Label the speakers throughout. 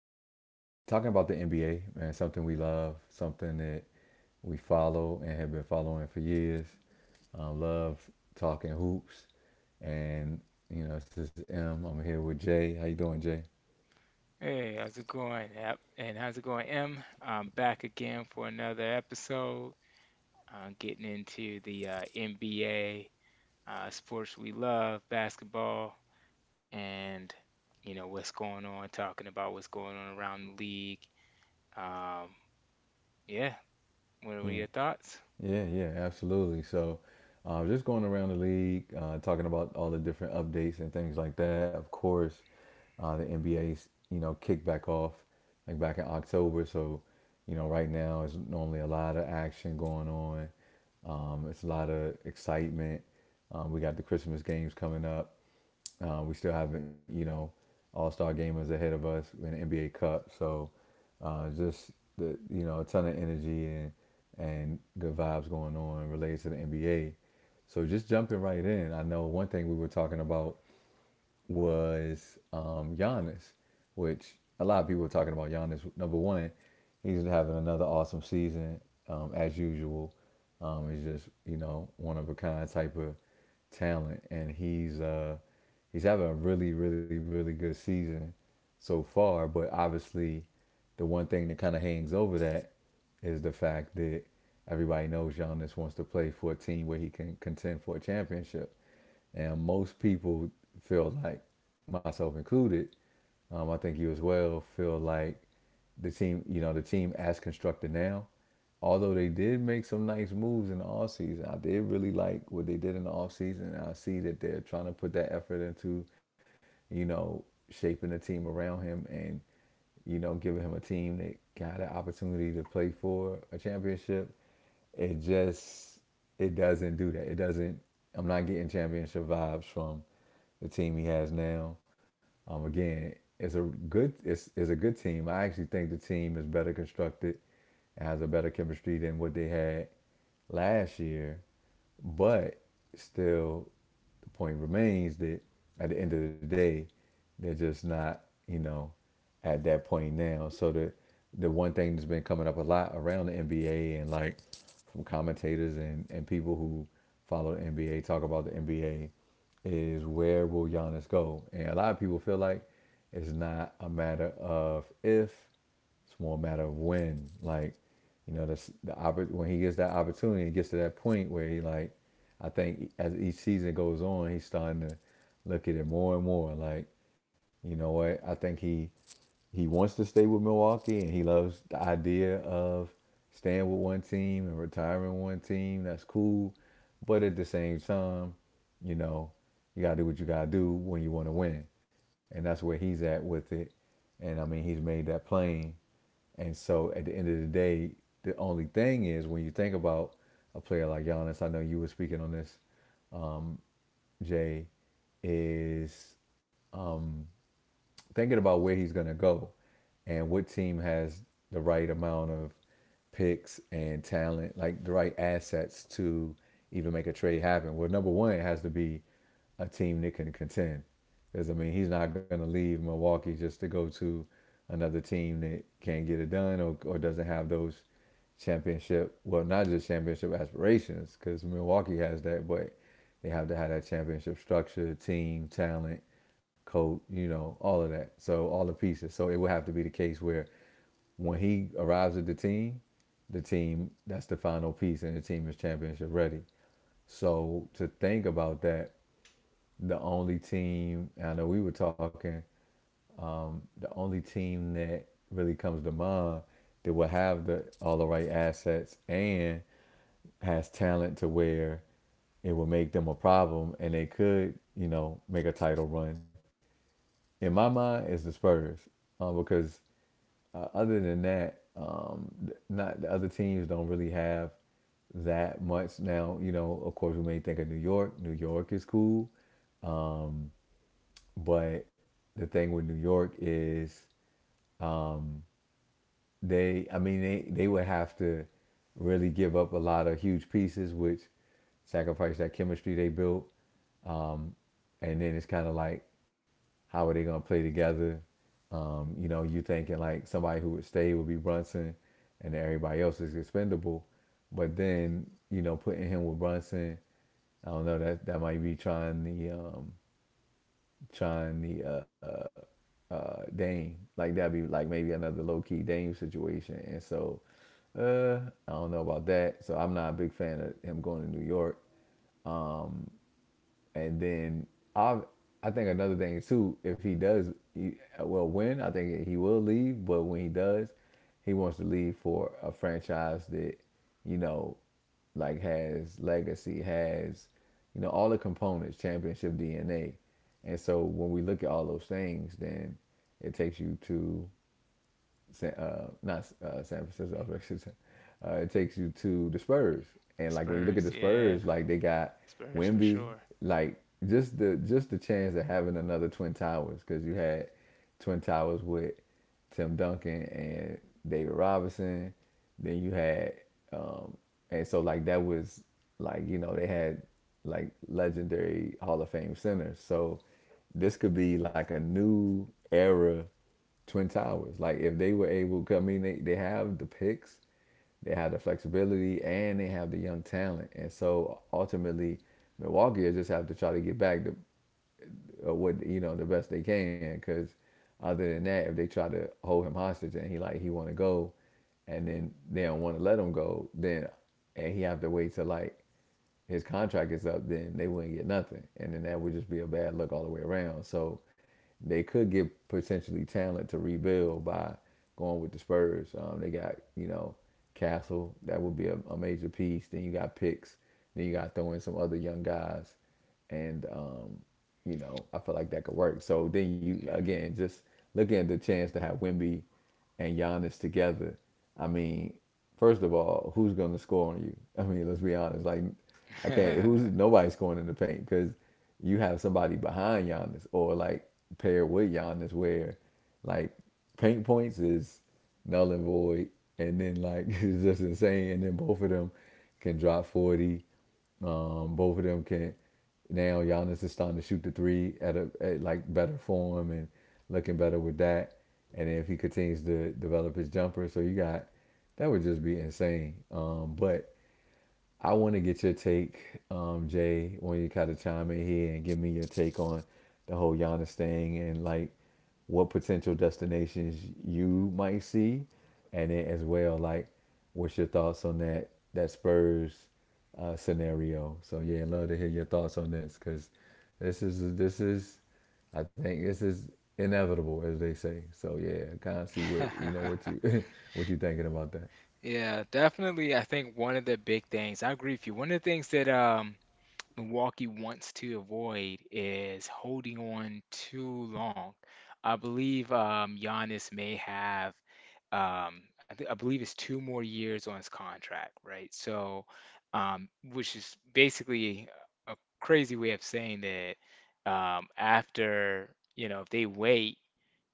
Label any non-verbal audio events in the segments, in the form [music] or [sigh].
Speaker 1: again, talking about the NBA, man, something we love, something that we follow and have been following for years. Love talking hoops. And, you know, this is M. I'm here with Jay. How you doing, Jay?
Speaker 2: Hey, how's it going? Yep, and how's it going, M? I'm back again for another episode. Getting into the NBA, sports we love, basketball, and you know what's going on. Talking about what's going on around the league. Um, yeah, what were
Speaker 1: Yeah.
Speaker 2: your thoughts?
Speaker 1: Yeah, yeah, absolutely. So, just going around the league, talking about all the different updates and things like that. Of course, the NBA's, you know, kicked back off like back in October. So, you know, right now is normally a lot of action going on. It's a lot of excitement. We got the Christmas games coming up. We still have, you know, All Star gamers ahead of us in the NBA Cup. So just the you know a ton of energy and good vibes going on related to the NBA. So just jumping right in, I know one thing we were talking about was Giannis, which a lot of people were talking about Giannis. Number one, he's having another awesome season as usual. He's just you know one of a kind type of talent, and he's having a really really really good season so far. But obviously, the one thing that kind of hangs over that is the fact that everybody knows Giannis wants to play for a team where he can contend for a championship. And most people feel like, myself included, I think you as well, feel like the team, you know, the team as constructed now, although they did make some nice moves in the offseason, I did really like what they did in the offseason. I see that they're trying to put that effort into, you know, shaping the team around him and, you know, giving him a team that got an opportunity to play for a championship. It just it doesn't do that. It doesn't. I'm not getting championship vibes from the team he has now. Again, it's a good it's a good team. I actually think the team is better constructed and has a better chemistry than what they had last year. But still, the point remains that at the end of the day, they're just not, you know, at that point now. So the one thing that's been coming up a lot around the NBA and like from commentators and, people who follow the NBA talk about the NBA is where will Giannis go? And a lot of people feel like it's not a matter of if, it's more a matter of when, like, you know, the when he gets that opportunity, he gets to that point where he like, I think as each season goes on, he's starting to look at it more and more. Like, you know what? I think he wants to stay with Milwaukee, and he loves the idea of staying with one team and retiring one team. That's cool, but at the same time, you know, you gotta do what you gotta do when you want to win, and that's where he's at with it. And I mean, he's made that plain. And so at the end of the day, the only thing is when you think about a player like Giannis, I know you were speaking on this, Jay, is um, thinking about where he's going to go and what team has the right amount of picks and talent, like the right assets to even make a trade happen. Well, number one, it has to be a team that can contend. Because, I mean, he's not going to leave Milwaukee just to go to another team that can't get it done, or doesn't have those championship, well, not just championship aspirations, because Milwaukee has that, but they have to have that championship structure, team, talent, coat, you know, all of that. So all the pieces. So it would have to be the case where when he arrives at the team that's the final piece and the team is championship ready. So to think about that, the only team I know we were talking, the only team that really comes to mind that will have the all the right assets and has talent to where it will make them a problem and they could, you know, make a title run in my mind, it's the Spurs because other than that, not the other teams don't really have that much. Now, you know, of course, we may think of New York. New York is cool, but the thing with New York is they. I mean, they would have to really give up a lot of huge pieces, which sacrifice that chemistry they built. Um, and then it's kind of like how are they gonna play together? You know, you thinking like somebody who would stay would be Brunson, and everybody else is expendable, but then you know putting him with Brunson, I don't know that that might be trying the Dame, like that'd be like maybe another low key Dame situation, and so uh, I don't know about that. So I'm not a big fan of him going to New York. And then I I think another thing too, if he does, well, when I think he will leave, but when he does, he wants to leave for a franchise that you know, like has legacy, has you know all the components, championship DNA. And so when we look at all those things, then it takes you to not San Francisco. [laughs] It takes you to the Spurs,
Speaker 2: The
Speaker 1: and like when you look at
Speaker 2: Spurs,
Speaker 1: the
Speaker 2: yeah,
Speaker 1: Spurs, like they got
Speaker 2: Spurs for
Speaker 1: Wimby,
Speaker 2: sure.
Speaker 1: like just the chance of having another Twin Towers because you had Twin Towers with Tim Duncan and David Robinson. Then you had, um, and so like that was like you know they had like legendary Hall of Fame centers. So this could be like a new era Twin Towers. Like if they were able, I mean, they have the picks, they have the flexibility, and they have the young talent. And so ultimately, Milwaukee will just have to try to get back to what you know the best they can. Because other than that, if they try to hold him hostage and he want to go, and then they don't want to let him go, then and he have to wait till like his contract is up, then they wouldn't get nothing, and then that would just be a bad look all the way around. So they could get potentially talent to rebuild by going with the Spurs. They got you know Castle that would be a major piece. Then you got picks. Then you got to throw in some other young guys, and you know I feel like that could work. So then you
Speaker 2: Yeah.
Speaker 1: again just looking at the chance to have Wimby and Giannis together. I mean, first of all, who's going to score on you? [laughs] I mean, let's be honest. Like I can't. Who's
Speaker 2: [laughs]
Speaker 1: nobody's scoring in the paint because you have somebody behind Giannis or like paired with Giannis where like paint points is null and void, and then like [laughs] it's just insane. And then both of them can drop 40. Both of them can now. Giannis is starting to shoot the three at a at like better form and looking better with that. And then if he continues to develop his jumper, so you got that would just be insane. But I want to get your take, Jay, when you kind of chime in here and give me your take on the whole Giannis thing and like what potential destinations you might see, and then as well like what's your thoughts on that Spurs scenario. So yeah, love to hear your thoughts on this because this is I think this is inevitable as they say. So yeah, kind of see what you know what you [laughs] what you thinking about that.
Speaker 2: Yeah, definitely. I think one of the big things, I agree with you. One of the things that Milwaukee wants to avoid is holding on too long. I believe Giannis may have, I believe it's two more years on his contract, right? So, which is basically a crazy way of saying that after, you know, if they wait,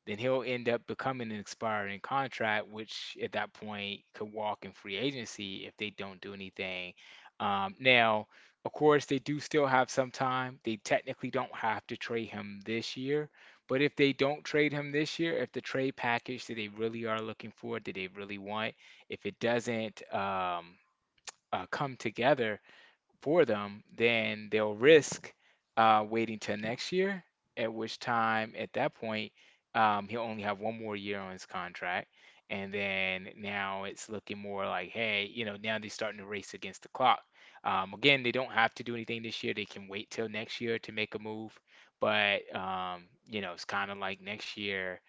Speaker 2: then he'll end up becoming an expiring contract, which at that point could walk in free agency if they don't do anything. Now, of course, they do still have some time. They technically don't have to trade him this year. But if they don't trade him this year, if the trade package that they really are looking for, that they really want, if it doesn't come together, for them, then they'll risk waiting till next year, at which time, at that point, he'll only have one more year on his contract. And then now it's looking more like, hey, you know, now they're starting to race against the clock. Again, they don't have to do anything this year. They can wait till next year to make a move. But, you know, it's kind of like next year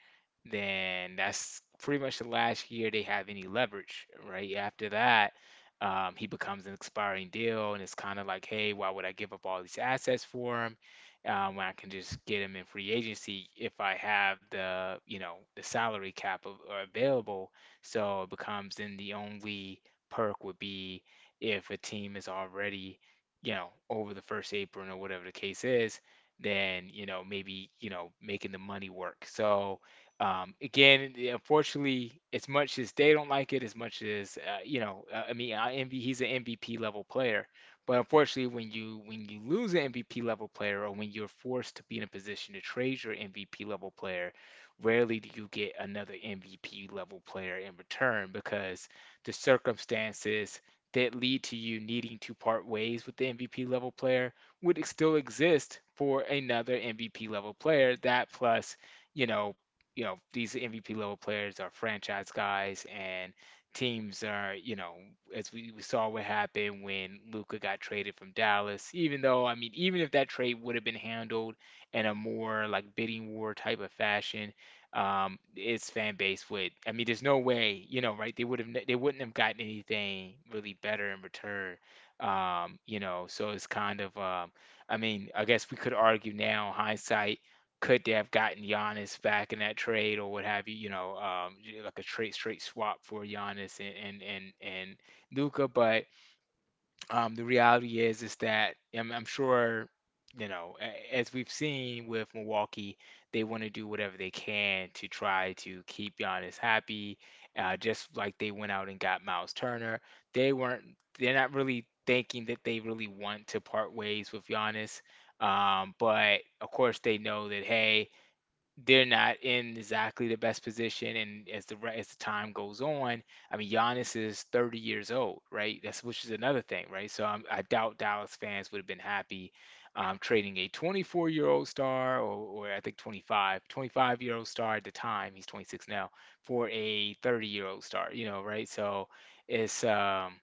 Speaker 2: then that's pretty much the last year they have any leverage, right? After that, he becomes an expiring deal, and it's kind of like, hey, why would I give up all these assets for him when I can just get him in free agency if I have the, you know, the salary cap of, or available? So it becomes then the only perk would be if a team is already, you know, over the first apron or whatever the case is, then, you know, maybe, you know, making the money work. So again, unfortunately, as much as they don't like it, as much as you know, I mean, I envy he's an MVP level player, but unfortunately, when you lose an MVP level player, or when you're forced to be in a position to trade your MVP level player, rarely do you get another MVP level player in return because the circumstances that lead to you needing to part ways with the MVP level player would still exist for another MVP level player. That plus you know you know, these MVP level players are franchise guys and teams are, you know, as we saw what happened when Luca got traded from Dallas, even though, I mean, even if that trade would have been handled in a more like bidding war type of fashion, its fan base would, I mean, there's no way, you know, right? They would have, they wouldn't have gotten anything really better in return. You know, so it's kind of, I mean, I guess we could argue now, hindsight could they have gotten Giannis back in that trade or what have you, you know, like a trade straight swap for Giannis and Luka. But the reality is that I'm sure, you know, as we've seen with Milwaukee, they want to do whatever they can to try to keep Giannis happy. Just like they went out and got Miles Turner, they weren't. They're not really thinking that they really want to part ways with Giannis. But of course, they know that hey, they're not in exactly the best position. And as the as the time goes on, I mean, Giannis is 30 years old, right? That's which is another thing, right? So I doubt Dallas fans would have been happy trading a 24-year-old star, or I think 25-year-old star at the time. He's 26 now for a 30-year-old star, you know, right? So it's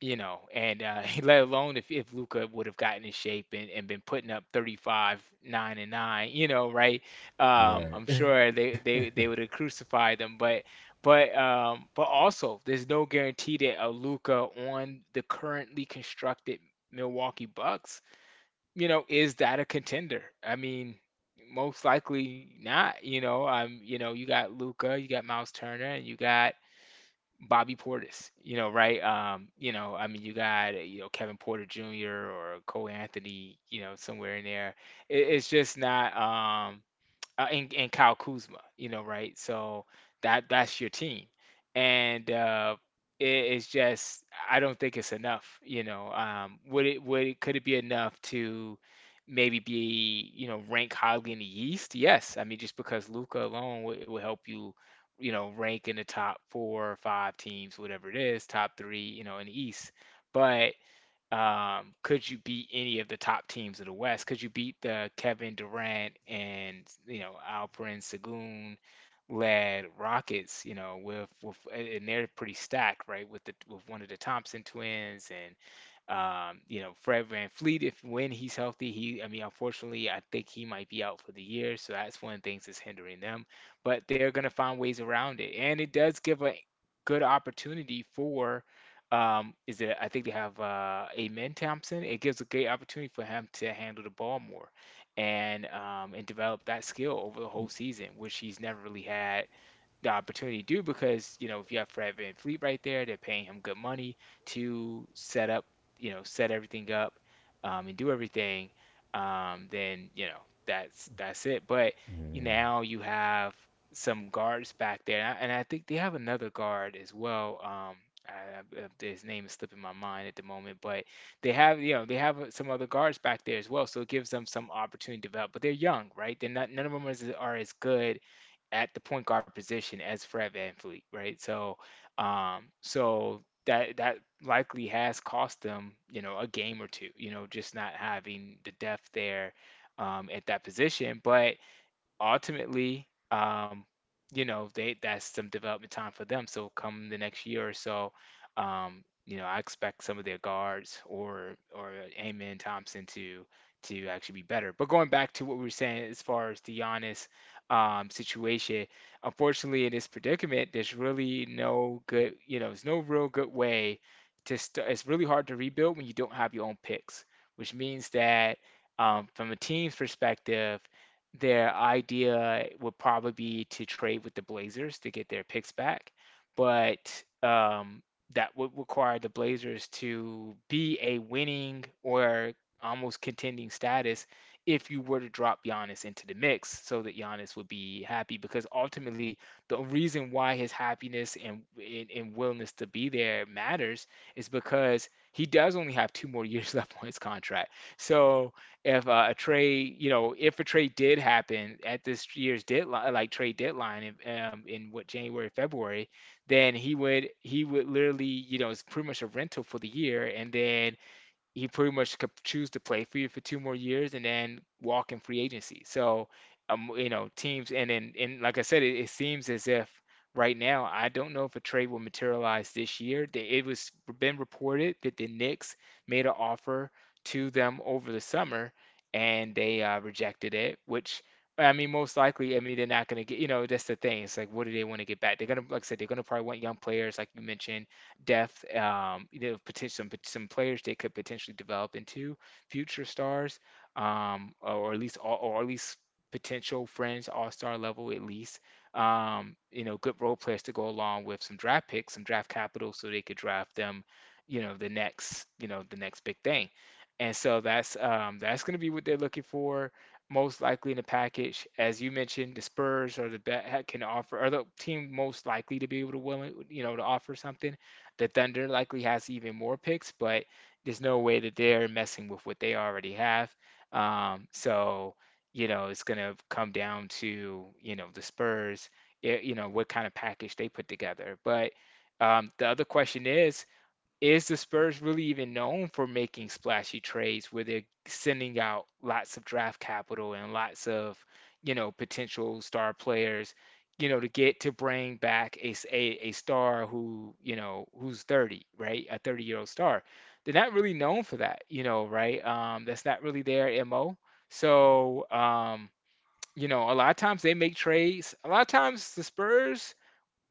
Speaker 2: you know, and [laughs] let alone if Luca would have gotten in shape and been putting up 35, 9 and 9, you know, right? I'm
Speaker 1: Right,
Speaker 2: sure
Speaker 1: [laughs]
Speaker 2: they would have crucified them, but also there's no guarantee that a Luca on the currently constructed Milwaukee Bucks, you know, is that a contender? I mean, most likely not. You know, you know, you got Luca, you got Miles Turner, and you got Bobby Portis, you know, right? You know, I mean, you got, you know, Kevin Porter Jr. or Cole Anthony, you know, somewhere in there. It's just not. And Kyle Kuzma, you know, right? So that that's your team, and it's just I don't think it's enough, you know. Would it could it be enough to maybe be you know rank highly in the East? Yes, I mean just because Luca alone will help you, you know, rank in the top four or five teams, whatever it is, top three, you know, in the East, but could you beat any of the top teams of the West? Could you beat the Kevin Durant and you know Alperen Sengun led Rockets? You know with and they're pretty stacked, right? With the with one of the Thompson twins and you know, Fred Van Fleet, if when he's healthy, he I mean, unfortunately, I think he might be out for the year, so that's one of the things that's hindering them. But they're gonna find ways around it. And it does give a good opportunity for is it I think they have Amen Thompson. It gives a great opportunity for him to handle the ball more and develop that skill over the whole season, which he's never really had the opportunity to do because, you know, if you have Fred Van Fleet right there, they're paying him good money to set up, you know, set everything up and do everything, then, you know, that's it. But now you have some guards back there, and and I think they have another guard as well. I, I, his name is slipping my mind at the moment, but they have you know they have some other guards back there as well, so it gives them some opportunity to develop. But they're young, right? They're not none of them is, are as good at the point guard position as Fred VanVleet, right? So, so that that likely has cost them, you know, a game or two, you know, just not having the depth there at that position. But ultimately, you know, they that's some development time for them. So come the next year or so, you know, I expect some of their guards or Amen Thompson to actually be better. But going back to what we were saying as far as the Giannis situation, unfortunately, in this predicament, there's really no good, you know, there's no real good way to start. It's really hard to rebuild when you don't have your own picks, which means that from a team's perspective their idea would probably be to trade with the Blazers to get their picks back, but that would require the Blazers to be a winning or almost contending status if you were to drop Giannis into the mix so that Giannis would be happy because ultimately the reason why his happiness and willingness to be there matters is because he does only have two more [laughs] years left on his contract. So if a trade, you know, if a trade did happen at this year's deadline, like trade deadline, in what January, February, then he would literally, you know, it's pretty much a rental for the year, and then he pretty much could choose to play for you for two more years and then walk in free agency. So, you know, teams and then and like I said, it seems as if right now I don't know if a trade will materialize this year. They, it was been reported that the Knicks made an offer to them over the summer and they rejected it, which. I mean, most likely, I mean, they're not going to get, you know, that's the thing. It's like, what do they want to get back? They're going to, like I said, they're going to probably want young players, like you mentioned depth, some players they could potentially develop into future stars, or, at least potential friends, all-star level at least. Good role players to go along with some draft picks, some draft capital, so they could draft them, the next big thing. And so that's going to be what they're looking for most likely in the package. As you mentioned, the Spurs are the bet can offer are the team most likely to be able to willing, to offer something. The Thunder likely has even more picks, but there's no way that they're messing with what they already have. So, it's going to come down to, the Spurs, what kind of package they put together. But the other question is the Spurs really even known for making splashy trades where they're sending out lots of draft capital and lots of, potential star players, to get to bring back a star who, who's 30, right? A 30-year-old star. They're not really known for that, right? That's not really their MO. So, a lot of times they make trades. A lot of times the Spurs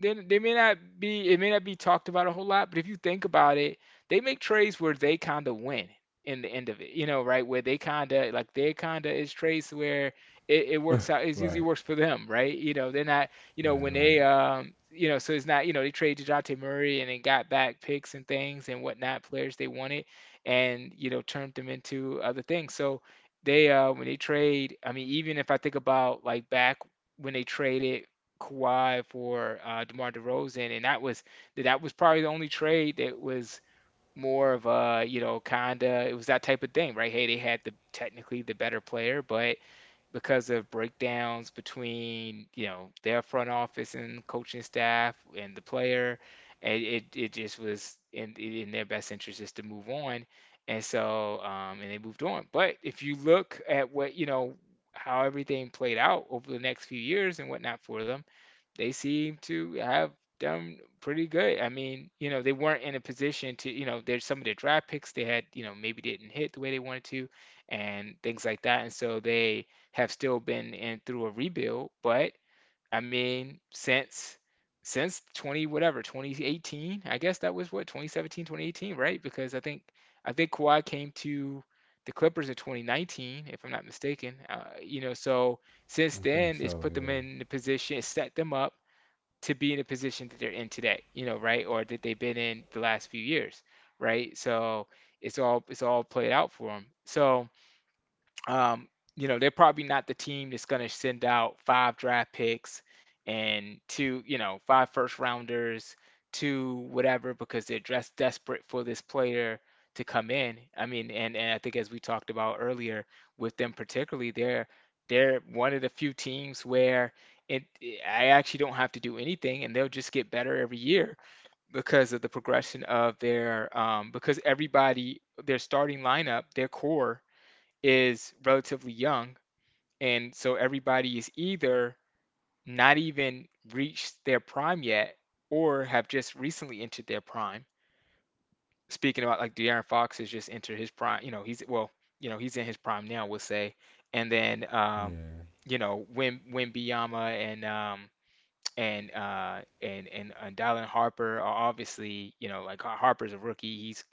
Speaker 2: they may not be it may not be talked about a whole lot, but if you think about it, they make trades where they kind of win in the end of it, right? Where they kind of like they kind of is trades where it works out. It usually works for
Speaker 1: right,
Speaker 2: them, right? They're not,
Speaker 1: right,
Speaker 2: when
Speaker 1: right.
Speaker 2: they, so it's not, they traded Dejounte Murray and then got back picks and things and whatnot, players they wanted, and turned them into other things. So they, when they trade, I mean, even if I think about like back when they traded Kawhi for DeMar DeRozan, and that was probably the only trade that was more of a, kinda, it was that type of thing, right? Hey, they had the technically the better player, but because of breakdowns between, their front office and coaching staff and the player, it just was in their best interest just to move on. And they moved on. But if you look at what, how everything played out over the next few years and whatnot for them, they seem to have done pretty good. I mean, they weren't in a position to, there's some of their draft picks they had, maybe didn't hit the way they wanted to, and things like that. And so they have still been in through a rebuild. But I mean, since 20 whatever 2018, I guess. That was what, 2017, 2018, right? Because I think Kawhi came to the Clippers in 2019 if I'm not mistaken, so since
Speaker 1: I
Speaker 2: then
Speaker 1: think
Speaker 2: it's
Speaker 1: so.
Speaker 2: put them
Speaker 1: Yeah.
Speaker 2: in the position, it set them up to be in a position that they're in today, right? Or that they've been in the last few years, right? So it's all played out for them. So um, they're probably not the team that's going to send out five draft picks and two, five first rounders, two whatever, because they're just desperate for this player to come in. I mean, and I think, as we talked about earlier with them particularly, they're one of the few teams where, it, I actually don't have to do anything and they'll just get better every year because of the progression of their, because everybody, their starting lineup, their core is relatively young. And so everybody is either not even reached their prime yet or have just recently entered their prime. Speaking about like De'Aaron Fox has just entered his prime, he's, well, he's in his prime now, we'll say. And then
Speaker 1: Yeah.
Speaker 2: Wimbyama and and Dylan Harper are obviously, like, Harper's a rookie. He's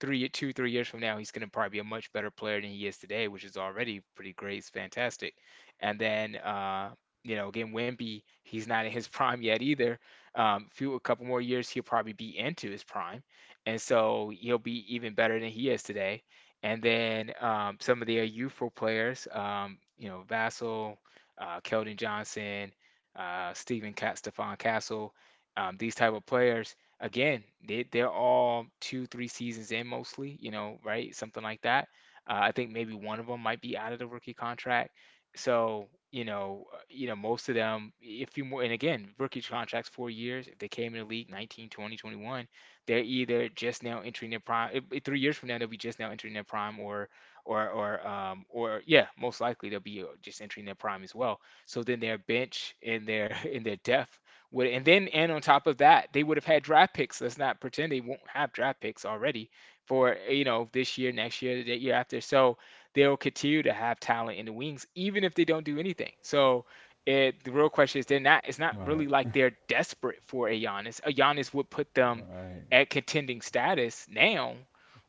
Speaker 2: three two, 3 years from now, he's gonna probably be a much better player than he is today, which is already pretty great, it's fantastic. And then again, Wimby, he's not in his [laughs] prime yet either. Few A couple more years, he'll probably be into his prime. And so he'll be even better than he is today. And then some of the youthful players, Vassell, Keldon Johnson, Stephon Castle, these type of players. Again, they're all 2, 3 seasons in mostly, right? Something like that. I think maybe one of them might be out of the rookie contract. So, most of them, if you more, and again, rookie contracts 4 years. If they came in the league 19, 20, 21, they're either just now entering their prime. 3 years from now, they'll be just now entering their prime, or yeah, most likely they'll be just entering their prime as well. So then their bench and their [laughs] and their depth would, and then, and on top of that, they would have had draft picks. Let's not pretend they won't have draft picks already for, this year, next year, the year after. So they'll continue to have talent in the wings, even if they don't do anything. So, the real question is, they're not it's not
Speaker 1: Right.
Speaker 2: really like they're desperate for a Giannis. A Giannis would put them
Speaker 1: Right.
Speaker 2: at contending status now,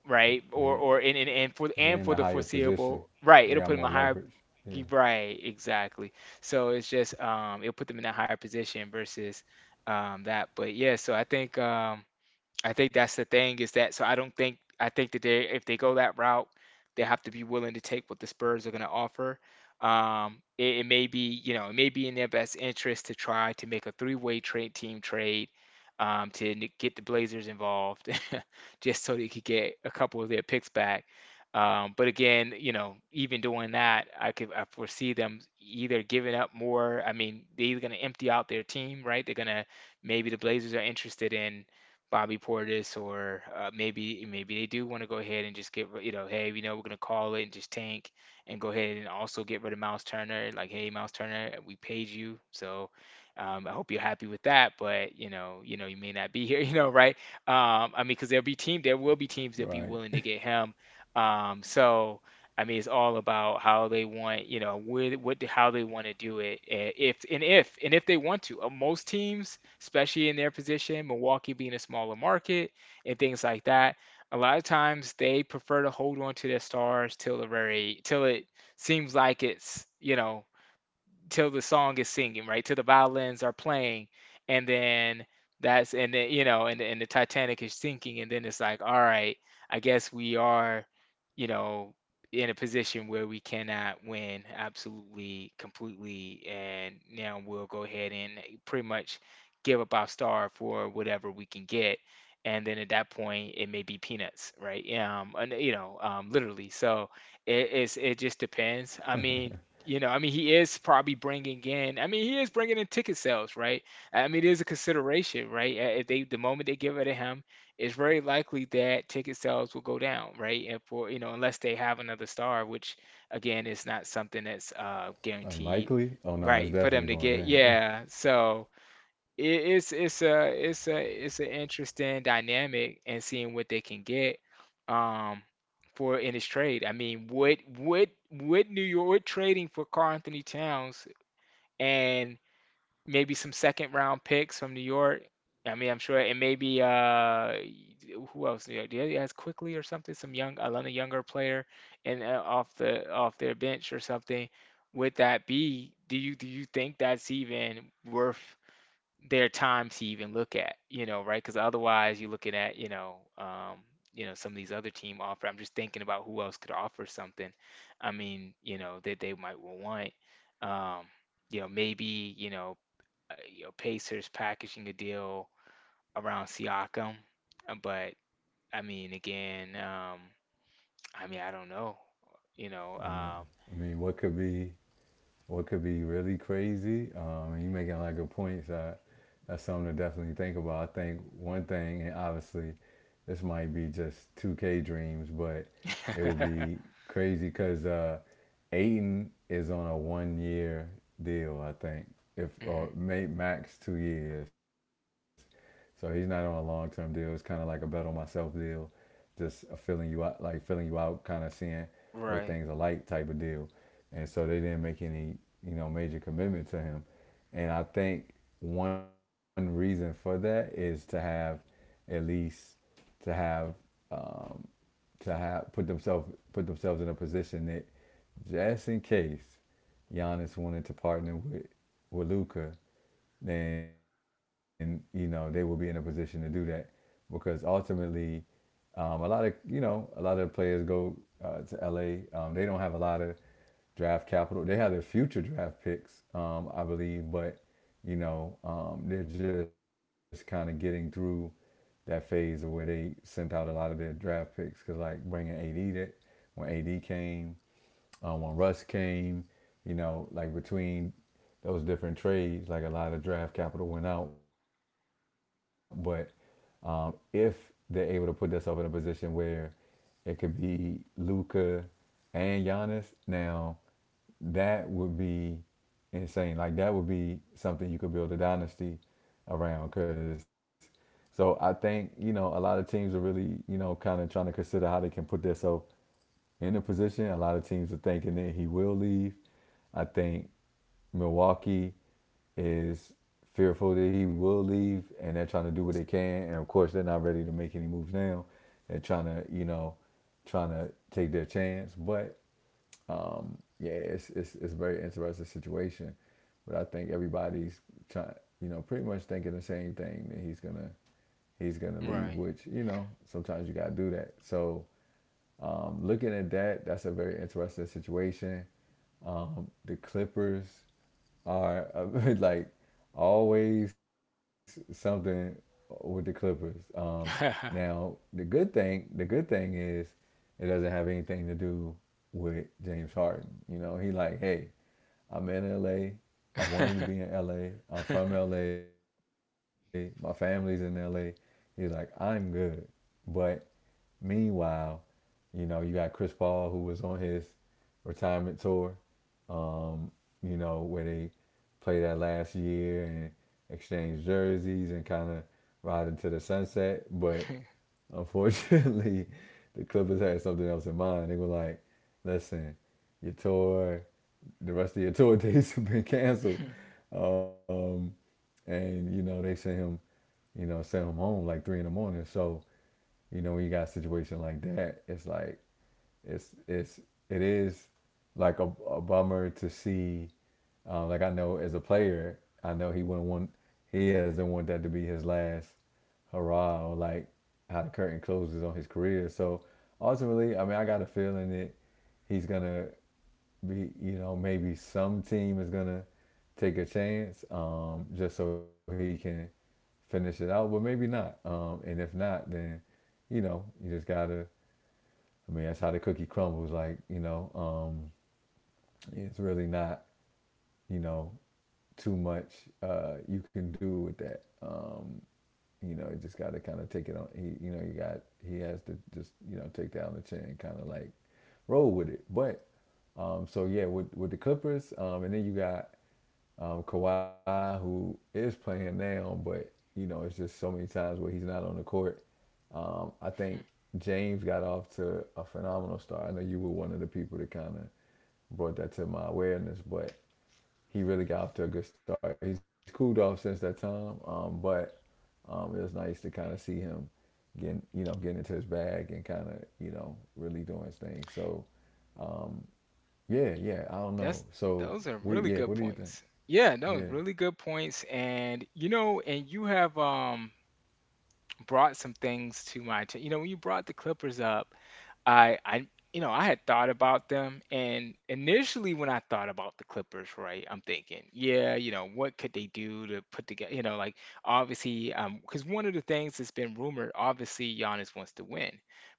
Speaker 2: right?
Speaker 1: They,
Speaker 2: Or
Speaker 1: they're in
Speaker 2: and
Speaker 1: a
Speaker 2: for the
Speaker 1: higher position.
Speaker 2: foreseeable, right, it'll
Speaker 1: They
Speaker 2: put
Speaker 1: got
Speaker 2: them a
Speaker 1: more
Speaker 2: higher,
Speaker 1: leverage. Yeah.
Speaker 2: right, exactly. So it's just, it'll put them in a higher position versus, that. But yeah, so I think, that's the thing, is that so I don't think, I think that, they if they go that route, they have to be willing to take what the Spurs are going to offer. It, it may be you know it may be in their best interest to try to make a three-way trade team trade, get the Blazers involved [laughs] just so they could get a couple of their picks back. But again, even doing that, I foresee them either giving up more. I mean, they're either going to empty out their team, right? They're going to Maybe the Blazers are interested in. Bobby Portis, or maybe they do want to go ahead and just get ri- you know, hey, we know we're gonna call it and just tank and go ahead and also get rid of Miles Turner. Like, hey, Miles Turner, we paid you, so, I hope you're happy with that. But you may not be here, [laughs] right? I mean, because there will be teams that'll be
Speaker 1: Right.
Speaker 2: willing to get him. So. I mean, it's all about how they want, where, what, how they want to do it, if and if they want to. Most teams, especially in their position, Milwaukee being a smaller market and things like that. A lot of times they prefer to hold on to their stars till the very till it seems like it's, till the song is singing, right? Till the violins are playing, and then, that's and then, and the Titanic is sinking, and then it's like, all right, I guess we are, you know, in a position where we cannot win absolutely, completely, and now we'll go ahead and pretty much give up our star for whatever we can get. And then at that point, it may be peanuts, right? And, literally. So, it just depends. I mean, he is probably bringing in. I mean, he is bringing in ticket sales, right? I mean, it is a consideration, right? If the moment they give it to him, it's very likely that ticket sales will go down, right? And for you know, Unless they have another star, which again is not something that's, guaranteed,
Speaker 1: Like
Speaker 2: right? For
Speaker 1: likely?
Speaker 2: them
Speaker 1: Oh
Speaker 2: to
Speaker 1: no,
Speaker 2: get,
Speaker 1: it's definitely
Speaker 2: yeah.
Speaker 1: going down.
Speaker 2: So,
Speaker 1: [laughs]
Speaker 2: it, it's a it's a it's an interesting dynamic and seeing what they can get, um for, in this trade. I mean, would New York, would trading for Carl Anthony Towns and maybe some second round picks from New York? I mean, I'm sure, and maybe, who else? New York? Did has quickly or something? Some young another younger player and, off the off their bench or something. Would that be? Do you think that's even worth their time to even look at, right? Because otherwise, you're looking at, some of these other team offer. I'm just thinking about who else could offer something. I mean, you know, that they might want. Um, you know, maybe you know, Pacers packaging a deal around Siakam. But I mean, again, I mean, I don't know. You know,
Speaker 1: I mean,
Speaker 2: um,
Speaker 1: what could be or it could be really crazy. And you making like a point, so that's something to definitely think about. I think one thing, and obviously, this might be just 2K dreams, but it will
Speaker 2: [laughs]
Speaker 1: be crazy because Aiden is on a 1 year deal, I think, if
Speaker 2: mhm.
Speaker 1: or may, max 2 years. So he's not on a long term deal. It's kind of like a bet on myself deal, just a filling you out, like filling you out, kind of seeing what things are
Speaker 2: Right,
Speaker 1: like type of deal. And so they didn't make any, major commitment to him. And I think one reason for that is to have at least to have um, to have put themselves in a position that, just in case Giannis wanted to partner with Luca, then you know they will be in a position to do that. Because ultimately, a lot of a lot of players go to LA. They don't have a lot of draft capital. They have their future draft picks, I believe, but you know they're just kind of getting through that phase of where they sent out a lot of their draft picks, because like bringing AD, that when AD came, when Russ came, you know, like between those different trades, like a lot of draft capital went out. But if they're able to put themselves in a position where it could be Luca and Giannis, now that would be insane. Like that would be something you could build a dynasty around. Cause so I think you know a lot of teams are really you know kind of trying to consider how they can put themselves in the position. A lot of teams are thinking that he will leave. I think Milwaukee is fearful that he will leave, and they're trying to do what they can. And of course, they're not ready to make any moves now. They're trying to, you know, trying to take their chance. But yeah, it's a very interesting situation, but I think everybody's trying, you know, pretty much thinking the same thing, that he's gonna leave, which you know sometimes you gotta do that. So looking at that, that's a very interesting situation. The Clippers are [laughs] like always something with the Clippers. Now
Speaker 2: right.
Speaker 1: the good thing is, it doesn't have anything to do with James Harden. You know, he like, hey, I'm in LA. I wanted to be in LA. I'm from LA. My family's in LA. He's like, I'm good, but meanwhile, you know, you got Chris Paul, who was on his retirement tour, um, you know, where they played that last year and exchanged jerseys and kind of ride into the sunset. But unfortunately, [laughs] the Clippers had something else in mind. They were like, listen, your tour, the rest of your [laughs] tour dates have been canceled. Um, and, you know, they sent him, you know, sent him home like three in the morning. So, you know, when you got a situation like that, it's like it's it is like a bummer to see. Like I know as a player, I know he wouldn't want he doesn't want that to be his last hurrah, or like how the curtain closes on his career. So ultimately, I mean, I got a feeling that he's gonna be, you know, maybe some team is gonna take a chance, just so he can finish it out, but maybe not. And if not, then you know you just gotta. I mean, that's how the cookie crumbles. Like, you know, um, it's really not, you know, too much you can do with that. You know, you just got to kind of take it on. He, you know, you got, he has to just, you know, take that on the chin and kind of like roll with it. But so yeah, with the Clippers, and then you got Kawhi, who is playing now, but you know it's just so many times where he's not on the court. I think James got off to a phenomenal start. I know you were one of the people that kind of brought that to my awareness, but he really got off to a good start. He's cooled off since that time, but it was nice to kind of see him getting, you know, getting into his bag and kind of, you know, really doing his thing. So, um, yeah, yeah, I
Speaker 2: [laughs]
Speaker 1: don't
Speaker 2: That's,
Speaker 1: know. So,
Speaker 2: those are
Speaker 1: what,
Speaker 2: really
Speaker 1: yeah,
Speaker 2: good
Speaker 1: what do you think?
Speaker 2: points. Yeah, no,
Speaker 1: Yeah,
Speaker 2: really good points. And you know, and you have brought some things to my attention. You know, when you brought the Clippers up, I you know, I had thought about them, and initially when I thought about the Clippers, right, I'm thinking, yeah, you know, what could they do to put together, you know, like obviously because one of the things that's been rumored, obviously Giannis wants to win.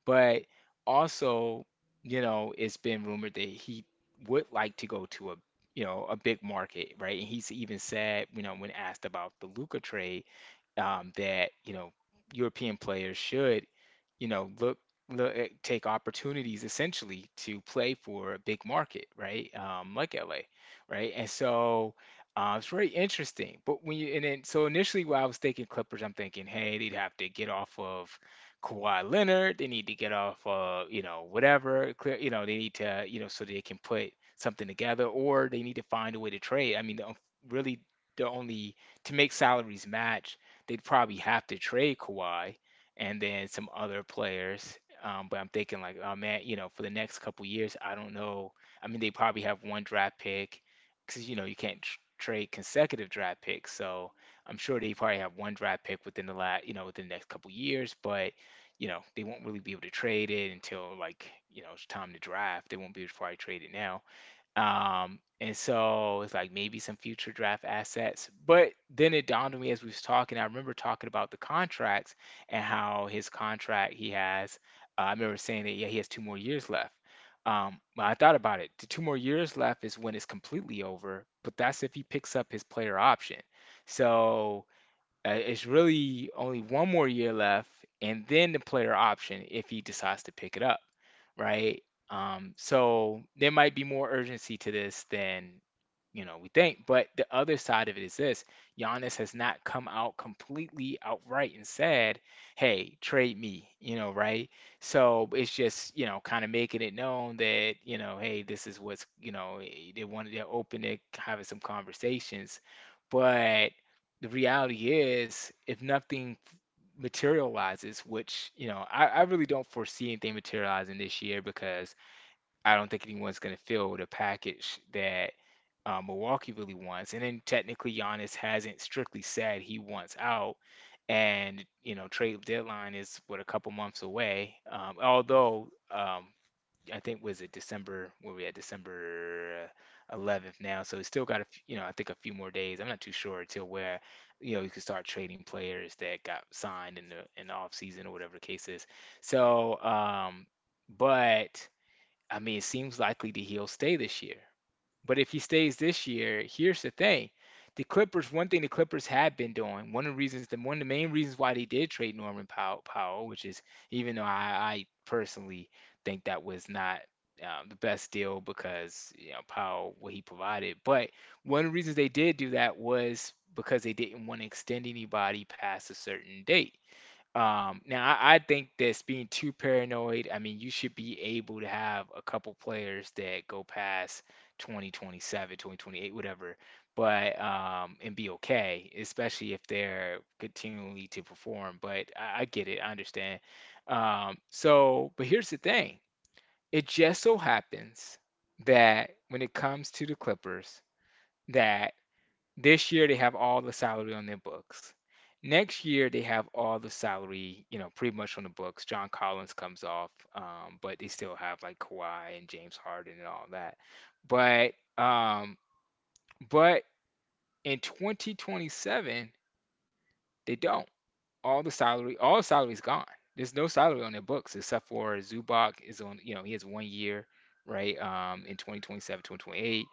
Speaker 2: But also, you know, it's been rumored that he would like to go to a, you know, a big market, right? And he's even said, you know, when asked about the Luca trade, that you know European players should, you know, take opportunities essentially to play for a big market, right? Like LA, right? And so it's very interesting. But when you, and then so initially when I was thinking Clippers, I'm thinking, hey, they'd have to get off of Kawhi Leonard. They need to get off of, you know, whatever. Clear, you know, they need to, you know, so they can put something together, or they need to find a way to trade. Really the only, to make salaries match, they'd probably have to trade Kawhi and then some other players. But I'm thinking like, oh man, you know, for the next couple years, I don't know. I mean, they probably have one draft pick because you know you can't tr trade consecutive draft picks. So I'm sure they probably have one draft pick within the last, you know, within the next couple years. But you know, they won't really be able to trade it until, like, you know, it's time to draft. They won't be able to probably trade it now. And so it's like maybe some future draft assets. But then it dawned on me as we was talking, I remember talking about the contracts and how his contract he has. I remember saying that yeah, he has two more years left. But I thought about it. The two more years left is when it's completely over, but that's if he picks up his player option. So it's really only one more year left, and then the player option if he decides to pick it up, right? So there might be more urgency to this than, you know, we think. But the other side of it is this: Giannis has not come out completely outright and said, "Hey, trade me," you know, right? So it's just, you know, kind of making it known that, you know, hey, this is what's, you know, they wanted to open to having some conversations. But the reality is, if nothing materializes, which, you know, I really don't foresee anything materializing this year because I don't think anyone's going to fill the package that Milwaukee really wants. And then technically, Giannis hasn't strictly said he wants out. And, you know, trade deadline is, what, a couple months away. I think, was it December, where we at? December 11 now. So it's still got, you know, I think a few more days. I'm not too sure until where, you know, you can start trading players that got signed in the off season or whatever the case is. So, um, but, I mean, it seems likely that he'll stay this year, but if he stays this year, here's the thing. The Clippers, one thing the Clippers have been doing, one of the reasons, the one of the main reasons why they did trade Norman Powell, which is even though I personally think that was not the best deal because you know Powell what he provided. But one of the reasons they did do that was because they didn't want to extend anybody past a certain date. Now I think that's being too paranoid. I mean, you should be able to have a couple players that go past 2027, 2028, whatever, but and be okay, especially if they're continually to perform. But I get it, I understand. So, but here's the thing. It just so happens that when it comes to the Clippers, that this year they have all the salary on their books. Next year they have all the salary, you know, pretty much on the books. John Collins comes off, but they still have like Kawhi and James Harden and all that. But but in 2027 they don't. All the salary, all the salary's gone. There's no salary on their books except for Zubac is on. You know, he has 1 year, right? In 2027, 2028,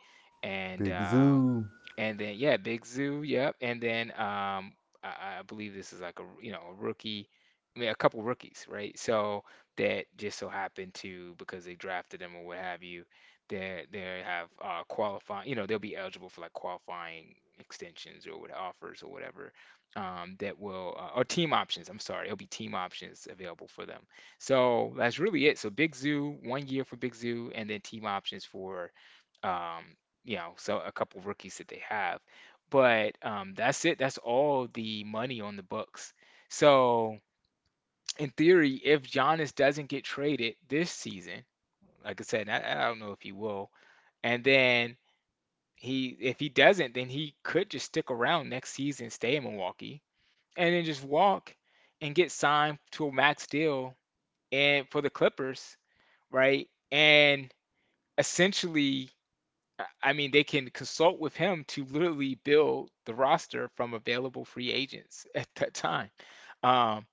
Speaker 2: and
Speaker 1: Big
Speaker 2: um
Speaker 1: Zoo.
Speaker 2: and then yeah, Big Zoo, yep. And then I believe this is like a, you know, a rookie, I mean a couple rookies, right? So that just so happened to, because they drafted them or what have you, they have qualifying, you know, they'll be eligible for like qualifying extensions or what offers or whatever. That will or team options. I'm sorry, it'll be team options available for them. So that's really it. So Big Zoo, 1 year for Big Zoo, and then team options for um, you know, so a couple rookies that they have. But that's it. That's all the money on the books. So in theory, if Giannis doesn't get traded this season, like I said, I don't know if he will, and then he if he doesn't, then he could just stick around next season, stay in Milwaukee, and then just walk and get signed to a max deal and for the Clippers, right? And essentially I mean, they can consult with him to literally build the roster from available free agents at that time. Um,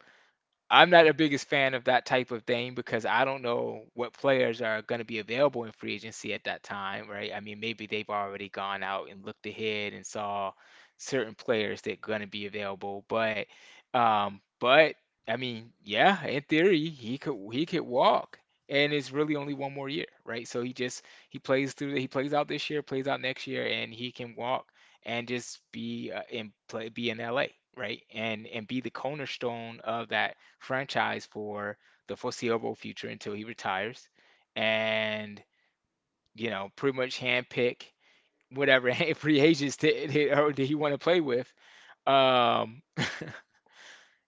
Speaker 2: I'm not the biggest fan of that type of thing because I don't know what players are going to be available in free agency at that time, right? I mean, maybe they've already gone out and looked ahead and saw certain players that going to be available, but um but I mean, yeah, in theory, he could walk, and it's really only one more year, right? So he just he plays through, he plays out this year, plays out next year and he can walk and just be in play be in LA, right? And be the cornerstone of that franchise for the foreseeable future until he retires and, you know, pretty much handpick whatever [laughs] free agents did he want to play with. Um, [laughs]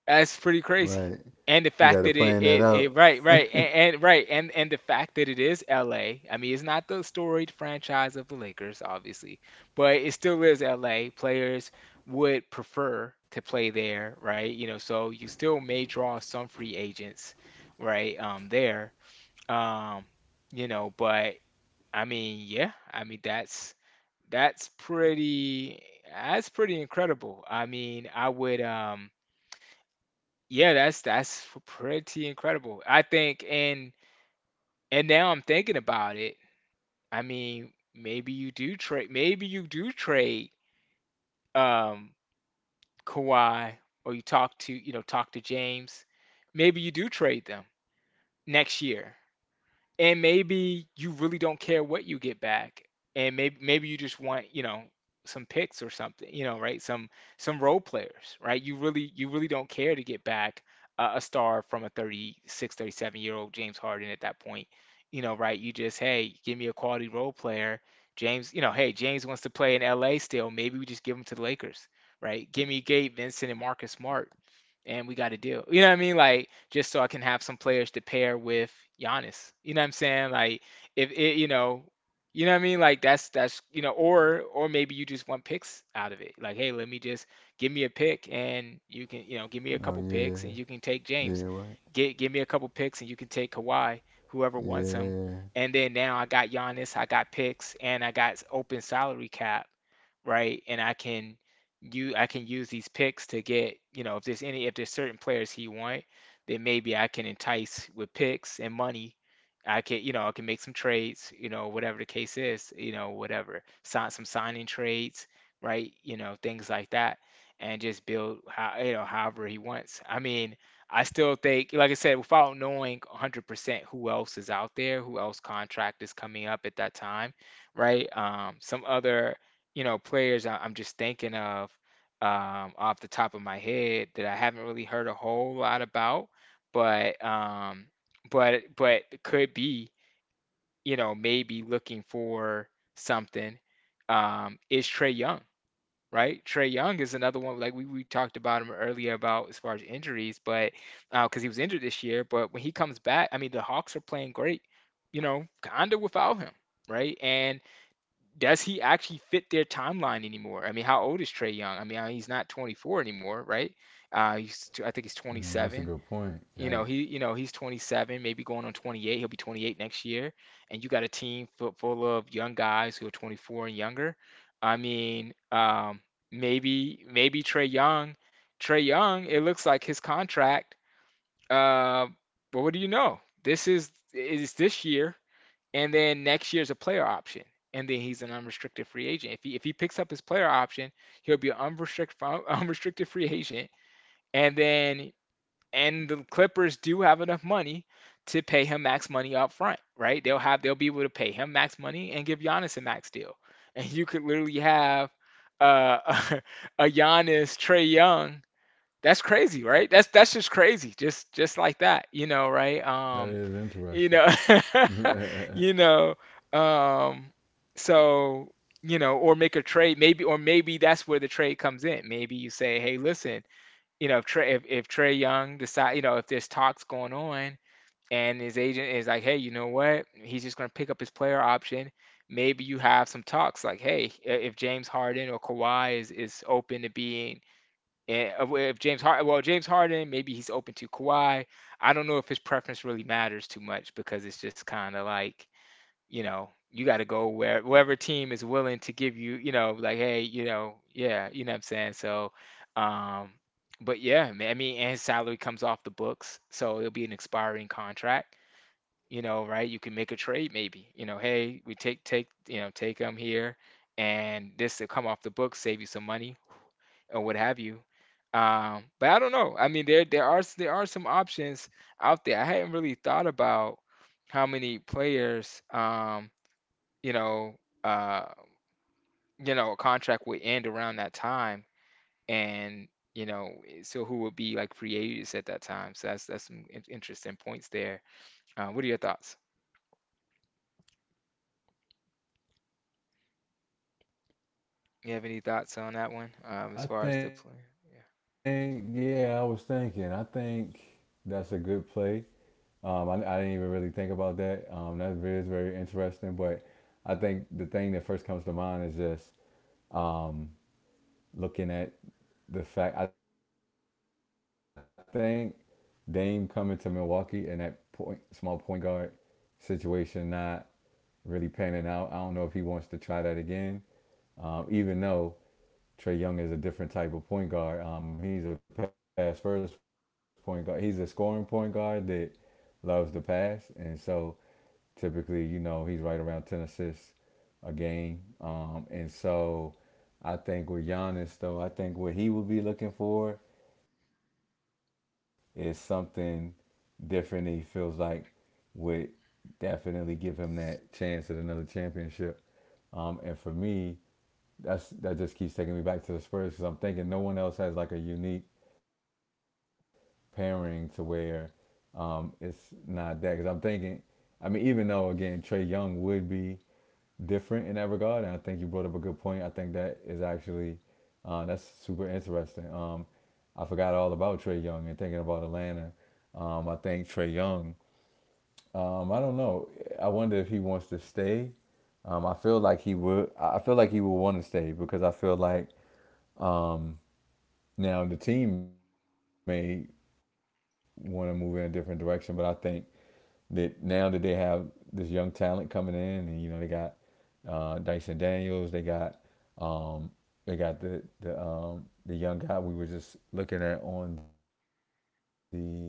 Speaker 2: that's pretty
Speaker 1: Right.
Speaker 2: crazy.
Speaker 1: You
Speaker 2: And
Speaker 1: got
Speaker 2: the
Speaker 1: to
Speaker 2: fact
Speaker 1: plan
Speaker 2: that
Speaker 1: that
Speaker 2: it, it,
Speaker 1: out.
Speaker 2: it right, right, and the fact that it is LA. I mean, it's not the storied franchise of the Lakers, obviously, but it still is LA. Players would prefer to play there, right? You know, so you still may draw some free agents, right? There. Um, you know, but I mean, yeah, I mean that's that's pretty incredible. I mean, I would yeah, that's pretty incredible. I think, and now I'm thinking about it. I mean, maybe you do trade um Kawhi, or you talk to, you know, talk to James. Maybe you do trade them next year, and maybe you really don't care what you get back. And maybe you just want, you know, some picks or something, you know, right, some role players, right? You really don't care to get back a star from a 36, 37 year old James Harden at that point, you know, right? You just, hey, give me a quality role player. James, you know, hey, James wants to play in LA still, maybe we just give him to the Lakers, right? Give me Gabe Vincent and Marcus Smart and we got to deal. You know what I mean? Like just so I can have some players to pair with Giannis. You know what I'm saying? Like if it, you know what I mean? Like that's, you know, or maybe you just want picks out of it. Like hey, let me just give me a pick and you can, you know, give
Speaker 1: Oh,
Speaker 2: me a couple
Speaker 1: yeah.
Speaker 2: picks and you can take
Speaker 1: Yeah,
Speaker 2: James.
Speaker 1: right.
Speaker 2: Get give me a couple picks and you can take Kawhi, whoever wants him.
Speaker 1: Yeah.
Speaker 2: And then now I got Giannis, I got picks, and I got open salary cap, right? And I can you I can use these picks to get, you know, if there's certain players he want, then maybe I can entice with picks and money. I can, you know, I can make some trades, you know, whatever the case is, you know, whatever. Sign some signing trades, right? You know, things like that. And just build how, however he wants. I mean, I still think, like I said, without knowing 100% who else is out there, who else contract is coming up at that time, right? Some other players I'm just thinking of off the top of my head that I haven't really heard a whole lot about, but but could be, you know, maybe looking for something, is Trey Young, right? Trey Young is another one like we talked about him earlier about as far as injuries, but because he was injured this year, but when he comes back, I mean, the Hawks are playing great, you know, kind of without him, right? And does he actually fit their timeline anymore? I mean, how old is Trey Young? I mean, he's not 24 anymore, right? I think he's
Speaker 1: Mm, that's a
Speaker 2: 27.
Speaker 1: good point.
Speaker 2: You know,
Speaker 1: Yikes,
Speaker 2: he's 27, maybe going on 28. He'll be 28 next year, and you got a team full of young guys who are 24 and younger. I mean, maybe Trey Young, Trey Young. It looks like his contract. Uh, well, what do you know? This is this year. And then next year's a player option. And then he's an unrestricted free agent. If he picks up his player option, he'll be an unrestricted [laughs] unrestricted free agent. And then and the Clippers do have enough money to pay him max money up front, right? They'll be able to pay him max money and give Giannis a max deal. And you could literally have uh, [laughs] a Giannis, Trey Young. That's crazy, right? That's just crazy. Just like that, you know, right?
Speaker 1: that
Speaker 2: You
Speaker 1: is
Speaker 2: know
Speaker 1: interesting.
Speaker 2: [laughs] you know
Speaker 1: [laughs]
Speaker 2: um so or make a trade, maybe, or maybe that's where the trade comes in. Maybe you say, hey, listen, you know, if Trey Young decide you know, if there's talks going on and his agent is like hey you know what, he's just going to pick up his player option. Maybe you have some talks like, hey, if James Harden or Kawhi is open to being, and well, if James Harden, well, James Harden, maybe he's open to Kawhi. I don't know if his preference really matters too much because it's just kind of like, you know, you got to go where wherever team is willing to give you, you know, like, hey, you know, yeah, you know what I'm saying. So, um, but yeah, man, I mean, and his salary comes off the books, so it'll be an expiring contract. You know, right? You can make a trade, maybe. You know, hey, we take you know take him here, and this will come off the books, save you some money or what have you. But I don't know. I mean, there are some options out there. I hadn't really thought about how many players, you know, uh, you know, a contract would end around that time, and you know, so who would be like free agents at that time? So that's some in interesting points there. What are your thoughts? You have any thoughts on that one, as far as the play?
Speaker 1: I
Speaker 2: Yeah.
Speaker 1: think, yeah, I was thinking. I think that's a good play. Um, I didn't even really think about that. That really is very interesting, but I think the thing that first comes to mind is just um, looking at the fact. I think Dame coming to Milwaukee, and that point, small point guard situation not really panning out. I don't know if he wants to try that again. Even though Trey Young is a different type of point guard. He's a pass first point guard. He's a scoring point guard that loves to pass, and so typically, you know, he's right around ten assists a game. And so I think with Giannis, though, I think what he would be looking for is something different. That he feels like would definitely give him that chance at another championship. And for me, that's, that just keeps taking me back to the Spurs, because I'm thinking no one else has like a unique pairing to where it's not that. Because I'm thinking, I mean, even though again Trey Young would be different in that regard, and I think you brought up a good point. I think that is actually that's super interesting. I forgot all about Trey Young and thinking about Atlanta. I think Trey Young, I don't know. I wonder if he wants to stay. I feel like he would. I feel like he would want to stay, because I feel like um, now the team may want to move in a different direction, but I think that now that they have this young talent coming in, and you know they got Dyson Daniels, um, they got the the young guy we were just looking at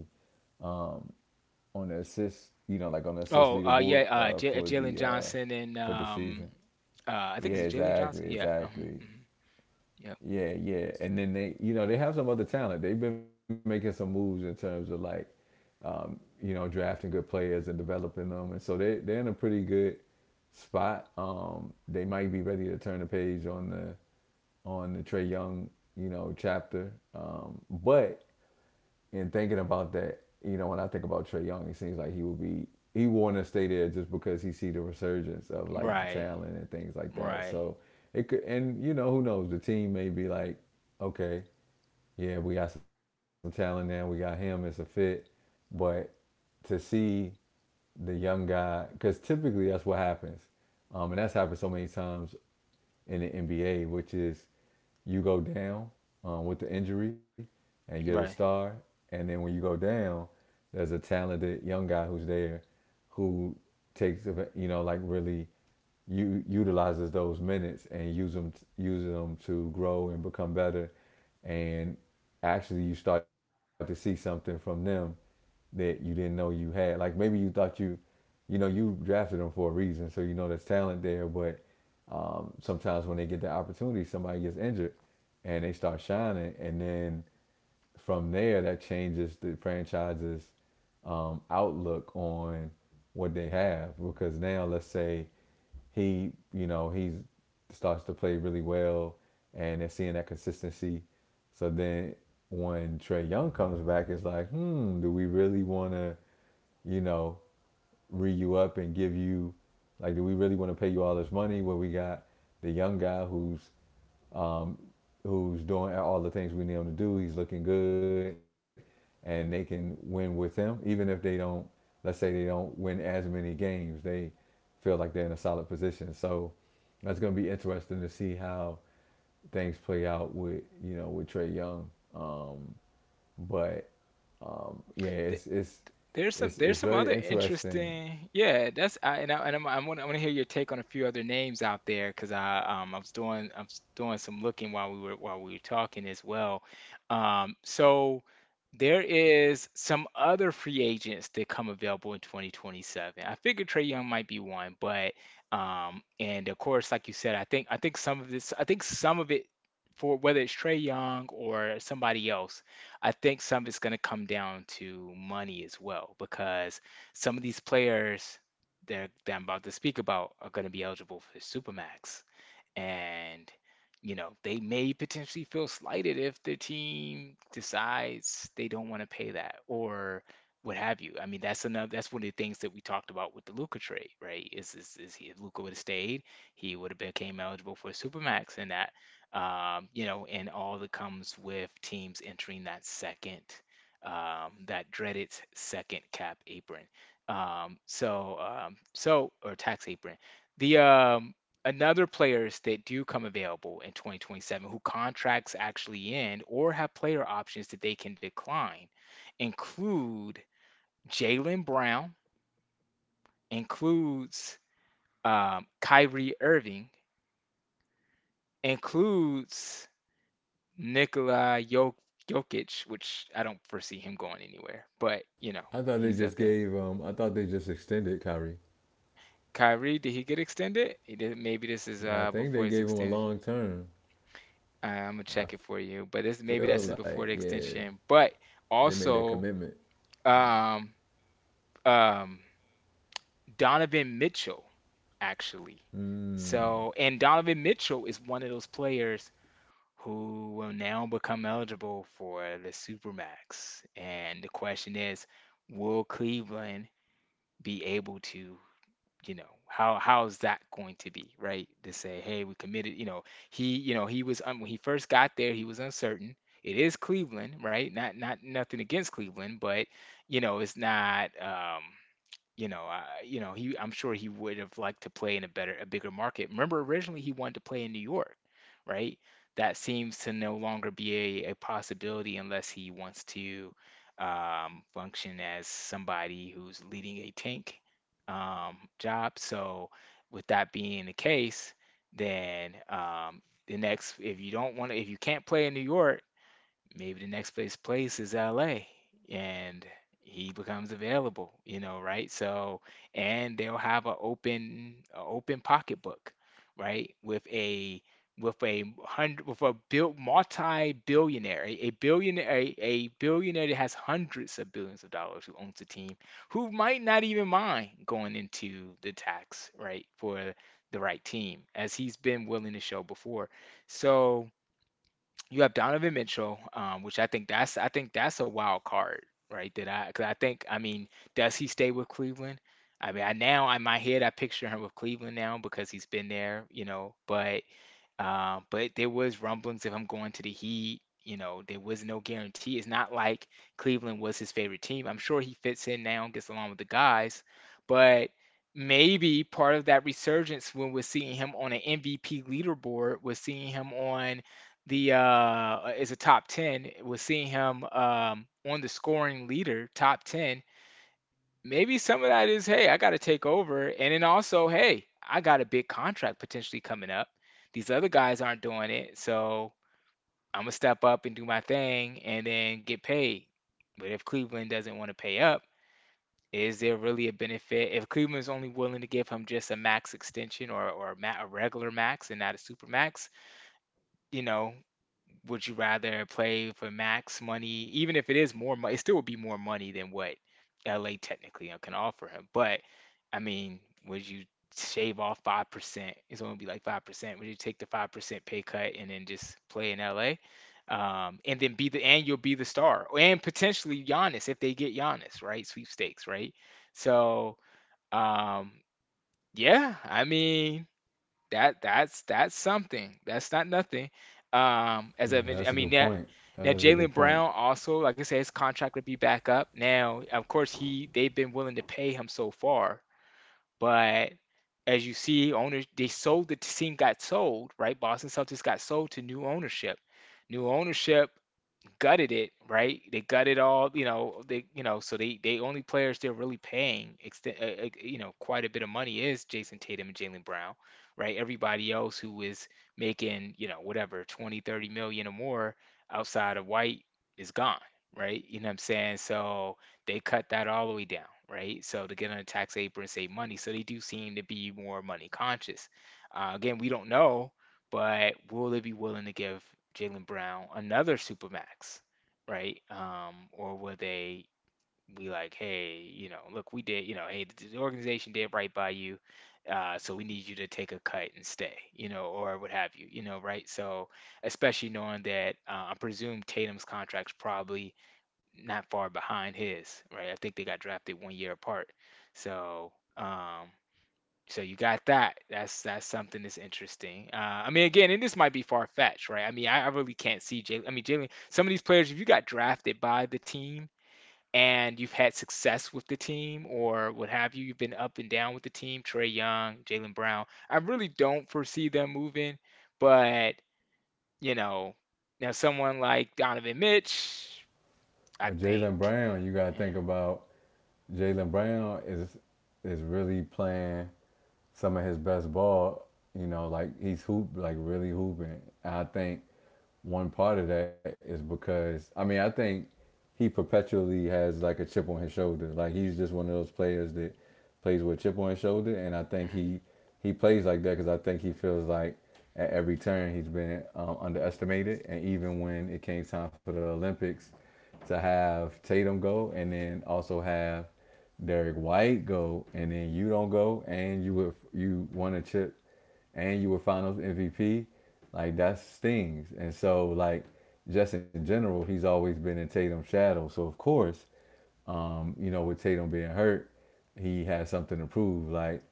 Speaker 1: on the assist, you know, like on the assist leaderboard
Speaker 2: Oh, yeah, J
Speaker 1: for the
Speaker 2: Jalen
Speaker 1: season.
Speaker 2: Johnson, and
Speaker 1: Yeah, exactly,
Speaker 2: I think it's Jalen
Speaker 1: exactly.
Speaker 2: Johnson. Yeah. Mhm, mhm.
Speaker 1: Yeah,
Speaker 2: Yep.
Speaker 1: yeah. And then they, you know, they have some other talent. They've been making some moves in terms of like, you know, drafting good players and developing them. And so they, they're in a pretty good spot. They might be ready to turn the page on the Trey Young, you know, chapter. But and thinking about that, you know, when I think about Trey Young, it seems like he will be, he want to stay there just because he see the resurgence of like the
Speaker 2: Right.
Speaker 1: talent and things like that.
Speaker 2: Right.
Speaker 1: So it could, and you know, who knows? The team may be like, okay, yeah, we got some talent now. We got him as a fit, but to see the young guy, because typically that's what happens, and that's happened so many times in the NBA, which is, you go down with the injury, and you're the
Speaker 2: Right.
Speaker 1: star. And then when you go down, there's a talented young guy who's there who takes, you know, like really utilizes those minutes and use them, uses them to grow and become better. And actually, you start to see something from them that you didn't know you had. Like maybe you thought you, you know, you drafted them for a reason, so you know there's talent there, but sometimes when they get that opportunity, somebody gets injured and they start shining, and then from there that changes the franchise's outlook on what they have. Because now let's say he, you know, he starts to play really well, and they're seeing that consistency. So then when Trey Young comes back, it's like, hmm, do we really want to, you know, re you up and give you, like, do we really want to pay you all this money, where we got the young guy who's um, who's doing all the things we need him to do, he's looking good, and they can win with him, even if they don't, let's say they don't win as many games, they feel like they're in a solid position. So that's going to be interesting to see how things play out with, you know, with Trey Young, but yeah,
Speaker 2: Th-
Speaker 1: it's it's it's
Speaker 2: There's
Speaker 1: it's
Speaker 2: some other
Speaker 1: very interesting.
Speaker 2: interesting, yeah, that's I'm gonna, I want to hear your take on a few other names out there because I was doing some looking while we were talking as well, so there is some other free agents that come available in 2027. I figured Trey Young might be one, but and of course, like you said, I think some of this, I think some of it for whether it's Trey Young or somebody else, I think some of it's going to come down to money as well, because some of these players that I'm about to speak about are going to be eligible for Supermax. And, you know, they may potentially feel slighted if their team decides they don't want to pay that or what have you. I mean, that's another, that's one of the things that we talked about with the Luka trade, right? Is he If Luka would have stayed, he would have became eligible for a Supermax, and that you know, and all that comes with teams entering that second that dreaded second cap apron. So or tax apron. The Another players that do come available in 2027 who contracts actually end or have player options that they can decline include Jalen Brown, includes Kyrie Irving, includes Nikola Jokic, which I don't foresee him going anywhere, but you know
Speaker 1: I thought they
Speaker 2: he's up
Speaker 1: just
Speaker 2: there.
Speaker 1: gave um, I thought they just extended Kyrie.
Speaker 2: Kyrie, did he get extended? He did. Maybe this is
Speaker 1: Yeah, I
Speaker 2: before
Speaker 1: think
Speaker 2: his
Speaker 1: they gave him
Speaker 2: extension.
Speaker 1: a long term.
Speaker 2: I'm gonna check it for
Speaker 1: I
Speaker 2: you,
Speaker 1: feel
Speaker 2: but this
Speaker 1: like,
Speaker 2: maybe this is
Speaker 1: yeah,
Speaker 2: before the extension,
Speaker 1: they
Speaker 2: but
Speaker 1: made that commitment.
Speaker 2: also um, um, Donovan Mitchell, actually.
Speaker 1: Mm.
Speaker 2: So, and Donovan Mitchell is one of those players who will now become eligible for the Supermax. And the question is, will Cleveland be able to, you know, how is that going to be, right? To say, hey, we committed, you know, he was un when he first got there, he was uncertain. It is Cleveland, right? Not not nothing against Cleveland, but you know, it's not he I'm sure he would have liked to play in a better, a bigger market. Remember, originally he wanted to play in New York, right? That seems to no longer be a possibility unless he wants to function as somebody who's leading a tank job. So, with that being the case, then the next, if you don't want to, if you can't play in New York, maybe the next place is LA and he becomes available, you know, right? So, and they'll have a open pocketbook, right? With a hundred with a bill multi-billionaire, a billionaire that has hundreds of billions of dollars who owns a team, who might not even mind going into the tax, right, for the right team, as he's been willing to show before. So you have Donovan Mitchell, which I think that's a wild card, right? That I because I think I mean, does he stay with Cleveland? I mean, I now in my head I picture him with Cleveland now because he's been there, you know, but there was rumblings of him going to the Heat. You know, there was no guarantee. It's not like Cleveland was his favorite team. I'm sure he fits in now and gets along with the guys, but maybe part of that resurgence when we're seeing him on an MVP leaderboard, we're seeing him on the is a top 10, we're seeing him on the scoring leader, top 10, maybe some of that is, hey, I got to take over. And then also, hey, I got a big contract potentially coming up. These other guys aren't doing it. So I'm going to step up and do my thing and then get paid. But if Cleveland doesn't want to pay up, is there really a benefit? If Cleveland's only willing to give him just a max extension, a regular max and not a super max, you know, would you rather play for max money, even if it is more money, it still would be more money than what LA technically can offer him. But I mean, would you shave off 5%? It's only be like 5%. Would you take the 5% pay cut and then just play in LA? And then be the, and you'll be the star, and potentially Giannis if they get Giannis, right? Sweepstakes, right? So, um, yeah, I mean, that's something. That's not nothing. As I
Speaker 1: Yeah,
Speaker 2: mentioned, I
Speaker 1: that's a
Speaker 2: mean, now,
Speaker 1: good point.
Speaker 2: now
Speaker 1: That's a good
Speaker 2: Jalen
Speaker 1: point.
Speaker 2: Brown also, like I said, his contract would be back up. Now, of course, he they've been willing to pay him so far, but as you see, owners they sold the team got sold, right? Boston Celtics got sold to new ownership. New ownership gutted it, right? They gutted all, they, so they only players they're really paying, extent, quite a bit of money is Jason Tatum and Jalen Brown, right? Everybody else who is making, you know, whatever, 20, 30 million or more outside of White is gone, right? You know what I'm saying? So they cut that all the way down, right? So to get on a tax apron and save money, so they do seem to be more money conscious. Again, we don't know, but will they be willing to give Jalen Brown another supermax, right? Or will they be like, hey, you know, look, we did, you know, hey, the organization did right by you, so we need you to take a cut and stay, you know, or what have you, you know, right? So, especially knowing that I presume Tatum's contract's probably not far behind his, right? I think they got drafted one year apart, so. Um, so you got that. That's something that's interesting. I mean, again, and this might be far fetched, right? I mean, I really can't see Jalen. I mean, Jalen. Some of these players, if you got drafted by the team and you've had success with the team or what have you, you've been up and down with the team. Trey Young, Jalen Brown. I really don't foresee them moving, but you know, now someone like Donovan Mitch, I
Speaker 1: Or
Speaker 2: think.
Speaker 1: Jalen Brown, you gotta think about, Jalen Brown is really playing some of his best ball. You know, like he's hoop, like really hooping. And I think one part of that is because I mean I think he perpetually has like a chip on his shoulder. Like he's just one of those players that plays with a chip on his shoulder, and I
Speaker 2: Yeah.
Speaker 1: think he plays like that because I think he feels like at every turn he's been underestimated. And even when it came time for the Olympics, to have Tatum go, and then also have Derek White go, and then you don't go, and you won a chip, and you were Finals MVP, like that stings. And so like just in general, he's always been in Tatum's shadow. So of course, you know, with Tatum being hurt, he has something to prove, like,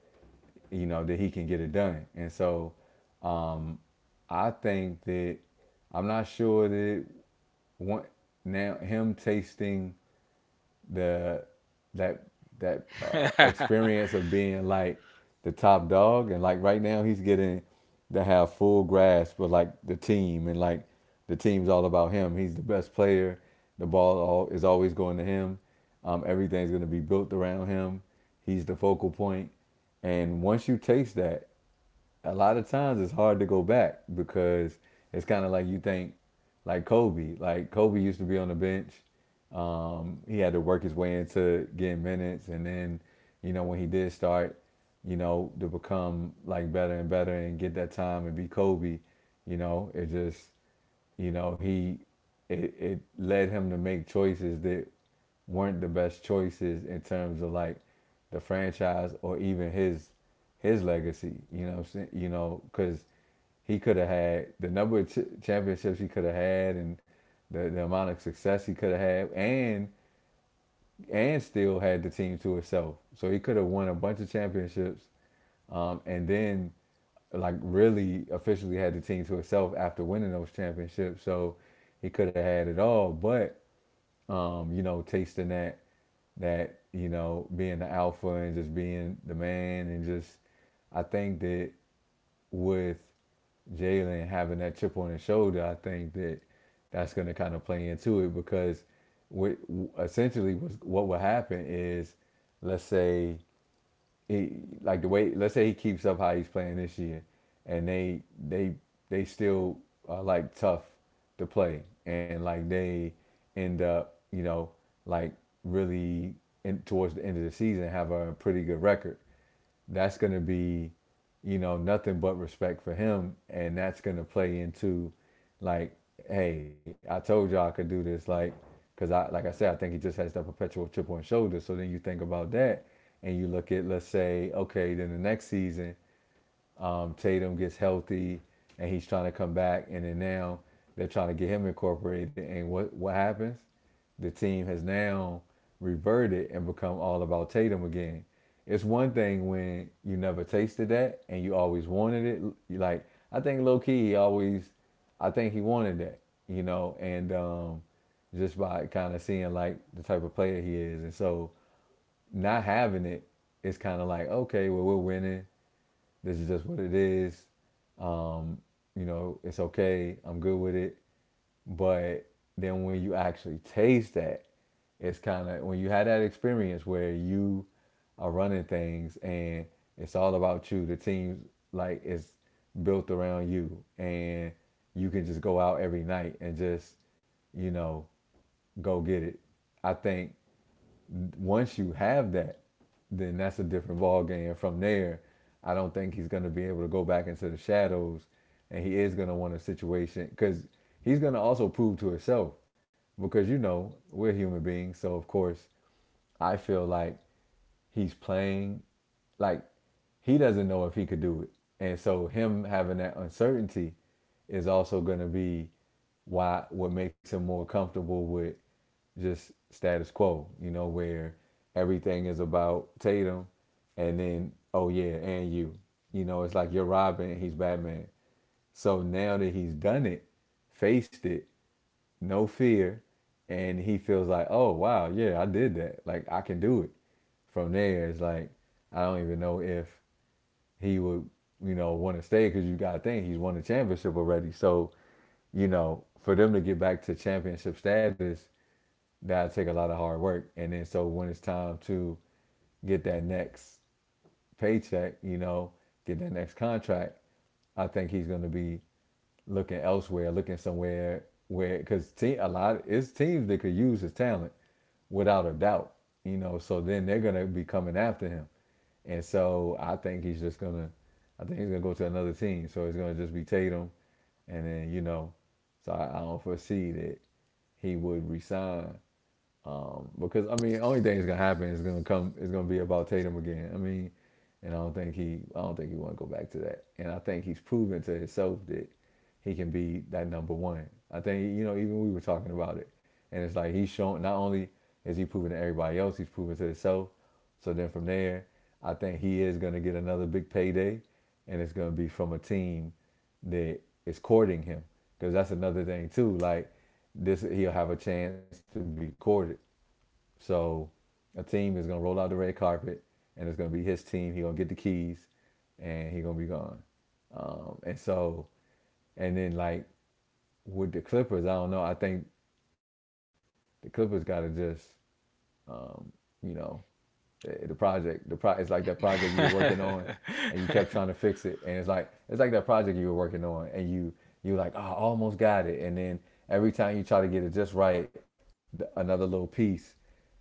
Speaker 1: you know, that he can get it done. And so um, I think that I'm not sure that one, now him tasting the that that
Speaker 2: Mm. [laughs]
Speaker 1: experience of being like the top dog, and like right now he's getting to have full grasp of like the team, and like the team's all about him. He's the best player. The ball all, is always going to him. Everything's going to be built around him. He's the focal point. And once you taste that, a lot of times it's hard to go back because it's kind of like you think like Kobe. Like Kobe used to be on the bench. He had to work his way into getting minutes, and then you know when he did start, you know to become like better and better and get that time and be Kobe. You know it just you know he it led him to make choices that weren't the best choices in terms of like the franchise or even his legacy, you know what I'm saying, you know, because he could have had the number of championships he could have had, and the amount of success he could have had, and still had the team to itself, so he could have won a bunch of championships. And then like really officially had the team to itself after winning those championships. So he could have had it all, but you know, tasting that that you know being the alpha and just being the man and just I think that with Jalen having that chip on his shoulder, I think that that's going to kind of play into it because what essentially was what would happen is let's say he like the way let's say he keeps up how he's playing this year, and they they still are like tough to play, and like they end up you know like really in, towards the end of the season have a pretty good record. That's going to be, you know, nothing but respect for him. And that's going to play into, like, hey, I told y'all I could do this. Like, because I, like I said, I think he just has that perpetual chip on his shoulder. So then you think about that and you look at, let's say, okay, then the next season, Tatum gets healthy and he's trying to come back, and then now they're trying to get him incorporated. And what happens? The team has now reverted and become all about Tatum again. It's one thing when you never tasted that and you always wanted it. You like I think low key he always, I think he wanted that, you know, and just by kind of seeing like the type of player he is, and so not having it, it's kind of like okay, well we're winning, this is just what it is. Um, you know, it's okay. I'm good with it. But then when you actually taste that, it's kind of when you had that experience where you are running things and it's all about you. The team's like is built around you, and you can just go out every night and just, you know, go get it. I think once you have that, then that's a different ball game. From there, I don't think he's going to be able to go back into the shadows, and he is going to want a situation because he's going to also prove to himself because you know we're human beings. So of course, I feel like he's playing, like he doesn't know if he could do it. And so him having that uncertainty is also going to be why what makes him more comfortable with just status quo, you know, where everything is about Tatum and then oh yeah, and you. You know, it's like you're Robin, and he's Batman. So now that he's done it, faced it, no fear, and he feels like, oh wow, yeah, I did that. Like I can do it. From there, it's like I don't even know if he would, you know, want to stay because you got to think he's won a championship already. So, you know, for them to get back to championship status, that'll take a lot of hard work. And then so when it's time to get that next paycheck, you know, get that next contract, I think he's going to be looking elsewhere, looking somewhere where because team a lot of it's teams that could use his talent without a doubt, you know. So then they're going to be coming after him, and so I think he's just going to, I think he's going to go to another team. So it's going to just be Tatum, and then you know, so I don't foresee that he would resign because I mean, only thing that's gonna happen is gonna come. It's gonna be about Tatum again. I mean, and I don't think he. I don't think he want to go back to that. And I think he's proven to himself that he can be that number one. I think you know, even we were talking about it, and it's like he's shown. Not only is he proving to everybody else, he's proving to himself. So then from there, I think he is gonna get another big payday, and it's gonna be from a team that is courting him because that's another thing too. Like this, he'll have a chance to be courted, so a team is gonna roll out the red carpet, and it's gonna be his team. He gonna get the keys, and he gonna be gone. And so, and then like with the Clippers, I don't know. I think the Clippers gotta just, um, you know, the project. It's like that project you were working on, and you kept trying to fix it, and it's like that project you were working on, and you like oh, I almost got it, and then every time you try to get it just right, another little piece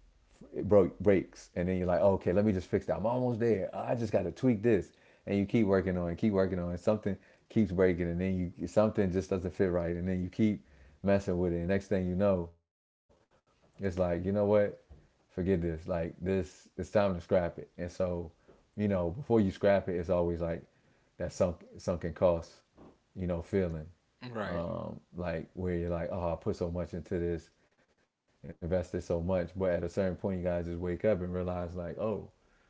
Speaker 1: it broke breaks, and then you're like, oh, okay, let me just fix that. I'm almost there. I just got to tweak this, and you keep working on something keeps breaking, and then you something just doesn't fit right, and then you keep messing with it. And next thing you know, it's like you know what, forget this. Like this, it's time to scrap it. And so, you know, before you scrap it, it's always like that sunken cost, you know, feeling
Speaker 2: Right.
Speaker 1: like where you're like, oh, I put so much into this, invested so much, but at a certain point, you guys just wake up and realize like, oh.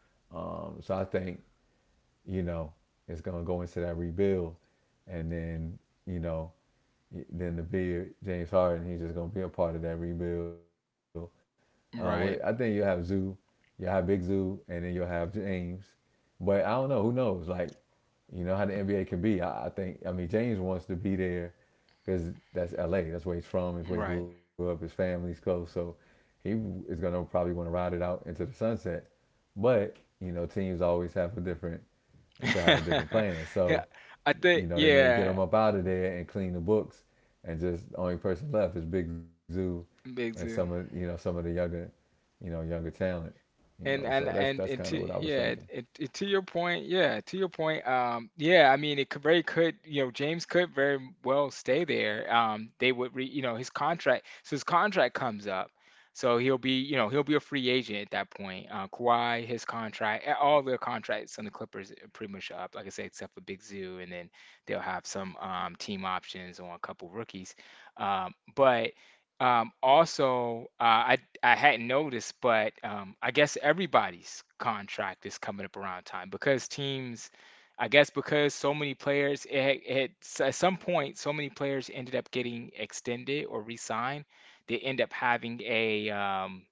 Speaker 1: So I think you know, it's gonna go into that rebuild, and then you know, then the big James Harden, he's just gonna be a part of that rebuild. Where I think you'll have
Speaker 2: Right.
Speaker 1: Zoo, you'll have Big Zoo, and then you'll have James. But I don't know. Who knows? Like, you know how the NBA can be. I think. I mean, James wants to be there because that's LA. That's where he's from. That's where he
Speaker 2: Right.
Speaker 1: grew up. His family's close, so he is gonna probably want to ride it out into the sunset. But you know, teams always have a different you could have a different
Speaker 2: [laughs]
Speaker 1: plan. So,
Speaker 2: Yeah, I
Speaker 1: you
Speaker 2: think,
Speaker 1: know, they may get
Speaker 2: yeah,
Speaker 1: them up out of there and clean the books, and just the only person left is Big Zoo, and some
Speaker 2: big
Speaker 1: of
Speaker 2: deal.
Speaker 1: you know some of the younger, you know, younger talent. You know, so that's kind of
Speaker 2: And
Speaker 1: what I
Speaker 2: to
Speaker 1: was thinking.
Speaker 2: yeah, it, to your point, yeah, to your point, yeah, I mean, it could very could, you know, James could very well stay there. You know, his contract, so his contract comes up, so he'll be, you know, he'll be a free agent at that point. Kawhi, his contract, all their contracts on the Clippers are pretty much up, like I said, except for Big Zoo, and then they'll have some team options on a couple rookies, but. Also, I hadn't noticed, but I guess everybody's contract is coming up around time because teams, I guess because so many players, at some point, so many players ended up getting extended or re-signed. They end up having um,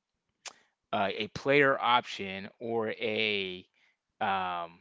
Speaker 2: uh, a player option or a um,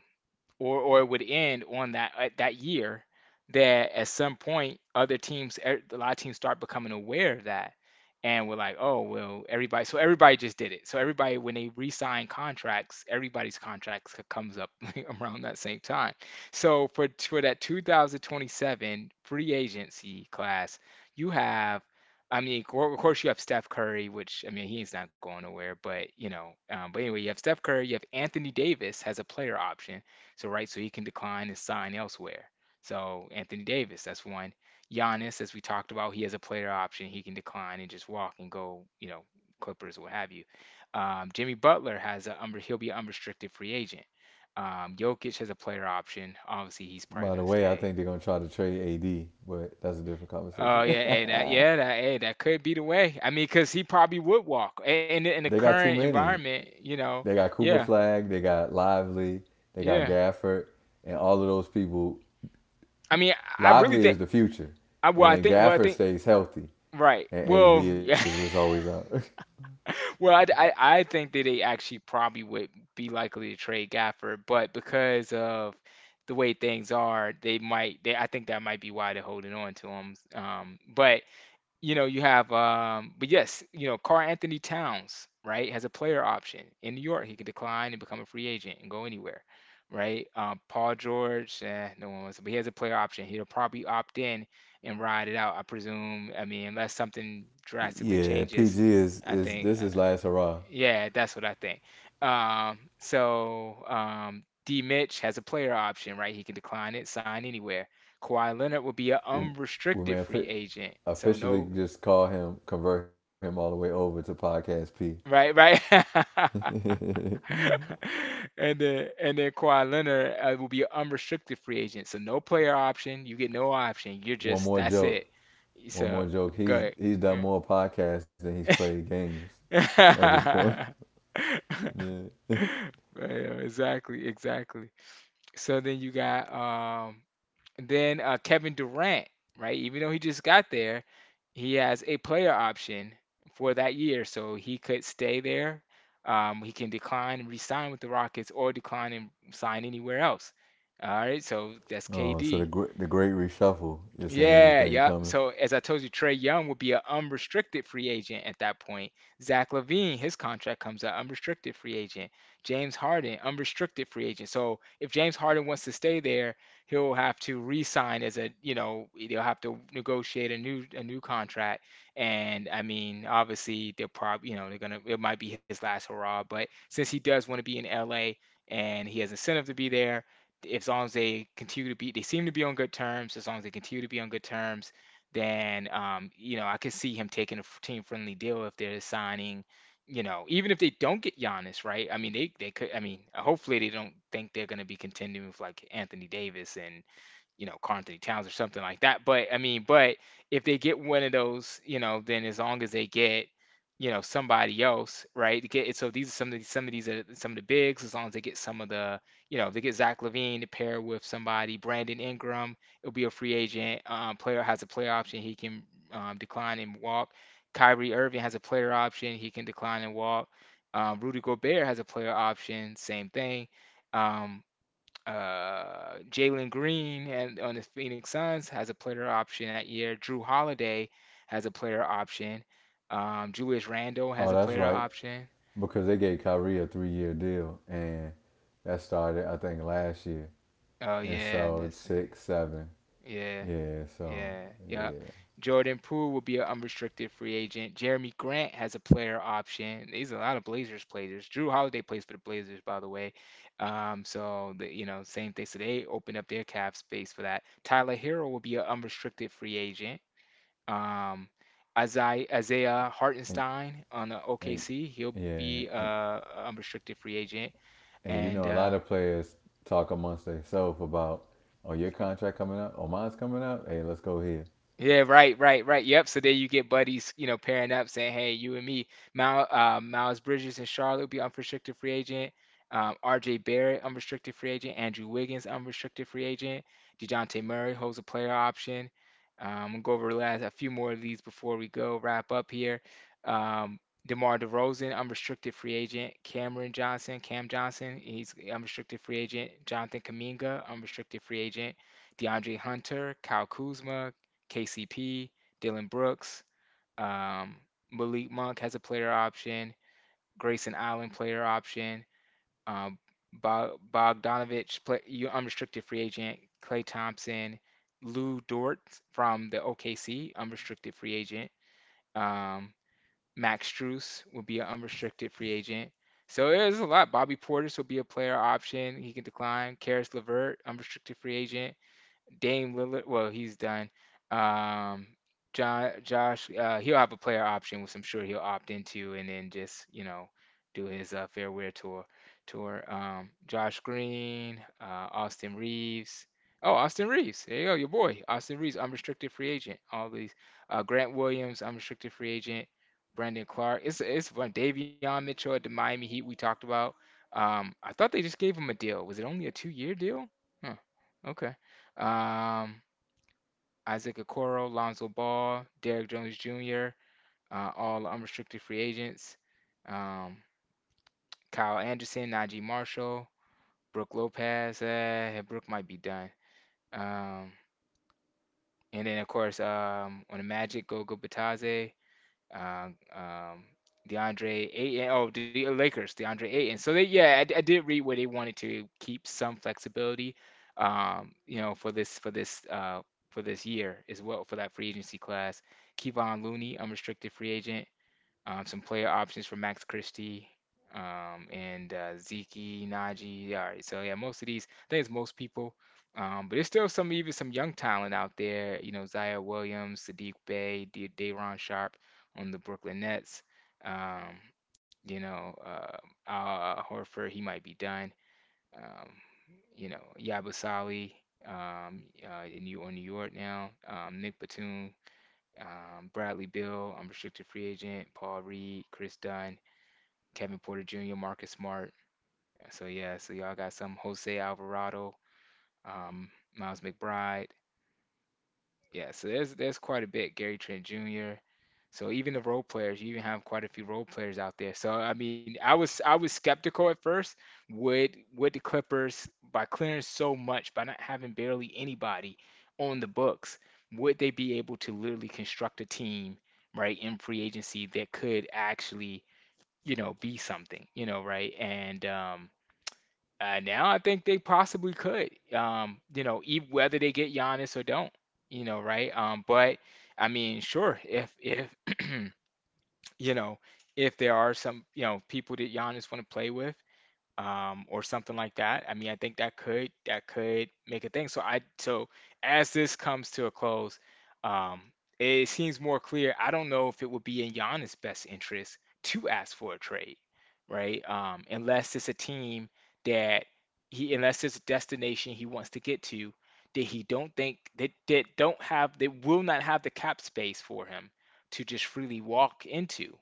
Speaker 2: or it would end on that at that year that at some point other teams a lot of teams start becoming aware of that and we're like, oh, well, everybody, so everybody just did it, so everybody when they re-sign contracts everybody's contracts comes up [laughs] around that same time, so for that 2027 free agency class you have, I mean, of course, you have Steph Curry, which I mean, he's not going nowhere. But you know, but anyway, you have Steph Curry. You have Anthony Davis has a player option. So right, so he can decline and sign elsewhere. So Anthony Davis, that's one. Giannis, as we talked about, he has a player option. He can decline and just walk and go, you know, Clippers, or what have you. Jimmy Butler has a he'll be an unrestricted free agent. Jokic has a player option. Obviously, he's probably
Speaker 1: By the
Speaker 2: gonna
Speaker 1: way, I
Speaker 2: stay.
Speaker 1: think they're gonna try to trade AD, but that's a different
Speaker 2: Oh
Speaker 1: conversation.
Speaker 2: yeah, hey, that,
Speaker 1: [laughs]
Speaker 2: yeah, that, hey, that could be the way. I mean, 'cause he probably would walk. A- in the
Speaker 1: They got
Speaker 2: current
Speaker 1: too many.
Speaker 2: environment, you know.
Speaker 1: They got
Speaker 2: Yeah,
Speaker 1: Cooper Flag, they got Lively, they got
Speaker 2: yeah.
Speaker 1: Gafford, and all of those people.
Speaker 2: I mean, I really
Speaker 1: Lively
Speaker 2: think,
Speaker 1: is the future,
Speaker 2: I, well,
Speaker 1: and
Speaker 2: I
Speaker 1: then
Speaker 2: think, well, I
Speaker 1: Gafford
Speaker 2: think,
Speaker 1: stays healthy,
Speaker 2: right.
Speaker 1: and
Speaker 2: Well,
Speaker 1: AD
Speaker 2: [laughs]
Speaker 1: is just
Speaker 2: yeah.
Speaker 1: always out. [laughs]
Speaker 2: Well, I think that they actually probably would be likely to trade Gafford, but because of the way things are, they might. They, I think that might be why they're holding on to him. But you know, you have, but yes, you know, Carl Anthony Towns, right, has a player option in New York. He could decline and become a free agent and go anywhere, right? Paul George, eh, no one wants, but he has a player option. He'll probably opt in and ride it out, I presume. I mean, unless something drastically
Speaker 1: Yeah, PG
Speaker 2: changes, I
Speaker 1: is this
Speaker 2: think,
Speaker 1: is last hurrah.
Speaker 2: yeah, that's what I think. D. Mitch has a player option, right? He can decline it, sign anywhere. Kawhi Leonard will be an
Speaker 1: We, we
Speaker 2: unrestricted
Speaker 1: may
Speaker 2: free agent, so
Speaker 1: officially
Speaker 2: no.
Speaker 1: just call him, convert him all the way over to podcast P.
Speaker 2: Right, right. [laughs]
Speaker 1: [laughs]
Speaker 2: And then, and then Kawhi Leonard will be an unrestricted free agent, so no player option. You get no option. You're
Speaker 1: one
Speaker 2: just,
Speaker 1: more
Speaker 2: that's it.
Speaker 1: joke, one more
Speaker 2: So
Speaker 1: joke. He's
Speaker 2: good,
Speaker 1: he's done
Speaker 2: good.
Speaker 1: more podcasts than he's played
Speaker 2: [laughs]
Speaker 1: games at this
Speaker 2: But,
Speaker 1: point. [laughs] Yeah. [laughs]
Speaker 2: yeah, exactly, exactly. So then you got then Kevin Durant, right? Even though he just got there, he has a player option for that year, so he could stay there. He can decline and resign with the Rockets or decline and sign anywhere else. All right, so that's
Speaker 1: Oh, so the
Speaker 2: KD.
Speaker 1: the great reshuffle. You're saying you
Speaker 2: Yeah,
Speaker 1: think
Speaker 2: yep.
Speaker 1: coming?
Speaker 2: So as I told you, Trey Young would be an unrestricted free agent at that point. Zach Levine, his contract comes out unrestricted free agent. James Harden, unrestricted free agent. So if James Harden wants to stay there, he'll have to re-sign as a, you know, they'll have to negotiate a new contract. And I mean, obviously they'll probably, you know, they're gonna, it might be his last hurrah. But since he does want to be in LA and he has incentive to be there, as long as they continue to be, they seem to be on good terms. As long as they continue to be on good terms, then you know, I could see him taking a team friendly deal if they're signing. You know, even if they don't get Giannis, right? I mean, they could. I mean, hopefully they don't think they're going to be continuing with like Anthony Davis and you know, Carl Anthony Towns or something like that. But I mean, but if they get one of those, you know, then as long as they get, you know, somebody else, right? To get, so these are some of these are some of the bigs. As long as they get some of the, you know, if they get Zach Levine to pair with somebody, Brandon Ingram, it'll be a free agent. Player has a player option, he can decline and walk. Kyrie Irving has a player option, he can decline and walk. Rudy Gobert has a player option, same thing. Um, Jalen Green and on the Phoenix Suns has a player option that year. Drew Holiday has a player option. Julius Randle has
Speaker 1: Oh,
Speaker 2: a
Speaker 1: that's
Speaker 2: player
Speaker 1: right,
Speaker 2: option.
Speaker 1: because they gave Kyrie a 3 year deal, and that started I think last year,
Speaker 2: Oh
Speaker 1: and
Speaker 2: yeah,
Speaker 1: so
Speaker 2: that's
Speaker 1: it's six, seven.
Speaker 2: yeah,
Speaker 1: Yeah,
Speaker 2: yeah,
Speaker 1: so
Speaker 2: yep.
Speaker 1: yeah.
Speaker 2: Jordan Poole will be an unrestricted free agent. Jeremy Grant has a player option. These are a lot of Blazers players. Drew Holiday plays for the Blazers, by the way. So the, you know, same thing. So they open up their cap space for that. Tyler Hero will be an unrestricted free agent. Um, Isaiah
Speaker 1: And
Speaker 2: Hartenstein on the
Speaker 1: And
Speaker 2: OKC, he'll be
Speaker 1: yeah,
Speaker 2: a restricted free agent,
Speaker 1: and you
Speaker 2: and
Speaker 1: know, a lot of players talk amongst themselves about, oh, your contract coming up, oh, mine's coming up. Hey, let's go here.
Speaker 2: yeah, right, right, right. Yep. So then you get buddies, you know, pairing up, saying, "Hey, you and me, Mal, Miles Bridges and Charlotte will be unrestricted free agent. R.J. Barrett, unrestricted free agent. Andrew Wiggins, unrestricted free agent. DeJounte Murray holds a player option. I'm gonna go over the last a few more of these before we go wrap up here. Um, DeMar DeRozan, unrestricted free agent. Cameron Johnson, Cam Johnson, he's unrestricted free agent. Jonathan Kaminga, unrestricted free agent. DeAndre Hunter, Kyle Kuzma, KCP, Dylan Brooks, um, Malik Monk has a player option, Grayson Allen player option, um, Bogdanovich, play, you unrestricted free agent, Clay Thompson, Lou Dort from the OKC, unrestricted free agent. Um, Max Strus will be an unrestricted free agent. So there's a lot. Bobby Portis will be a player option. He can decline. Karis LeVert, unrestricted free agent. Dame Lillard, well, he's done. Um, John, Josh, he'll have a player option, which I'm sure he'll opt into, and then just you know do his fair wear tour. Tour. Josh Green, Austin Reeves. Oh, Austin Reeves. There you go, your boy, Austin Reeves, unrestricted free agent. All these. Grant Williams, unrestricted free agent. Brandon Clark. It's fun. Davion Mitchell at the Miami Heat we talked about. I thought they just gave him a deal. Was it only a two-year deal? Huh. Okay, um, Isaac Okoro, Lonzo Ball, Derrick Jones Jr., all unrestricted free agents, um, Kyle Anderson, Najee Marshall, Brooke Lopez. Brooke might be done. Um, and then, of course, on the Magic, Gogo Batadze, um, um, DeAndre Ayton. Oh, the Lakers, DeAndre Ayton. So they, yeah, I did read where they wanted to keep some flexibility, for this for this for this year as well for that free agency class. Kevon Looney, unrestricted free agent. Some player options for Max Christie, and Zeke, Najee. Yeah, all right, so yeah, most of these, I think it's most people. But there's still some, even some young talent out there. You know, Zaire Williams, Sadiq Bey, Daron Sharp on the Brooklyn Nets. Um, you know, uh, Al Horford, he might be done. Um, Yabusali, in on New York now. Nick Batum, Bradley Bill, restricted free agent, Paul Reed, Chris Dunn, Kevin Porter Jr., Marcus Smart. So yeah, so y'all got some Jose Alvarado, um, Miles McBride, yeah, so there's quite a bit. Gary Trent Jr. So even the role players, you even have quite a few role players out there. So I mean, I was skeptical at first. Would the Clippers, by clearing so much, by not having barely anybody on the books, would they be able to literally construct a team right in free agency that could actually, you know, be something, you know, right? and Now I think they possibly could. You know, ev whether they get Giannis or don't, you know, right? But I mean, sure, if [clears throat] you know, if there are some, you know, people that Giannis want to play with, or something like that. I mean, I think that could make a thing. So, as this comes to a close, um, it seems more clear. I don't know if it would be in Giannis' best interest to ask for a trade, right? Unless it's a team that he unless it's a destination he wants to get to that he don't think that that don't have they will not have the cap space for him to just freely walk into.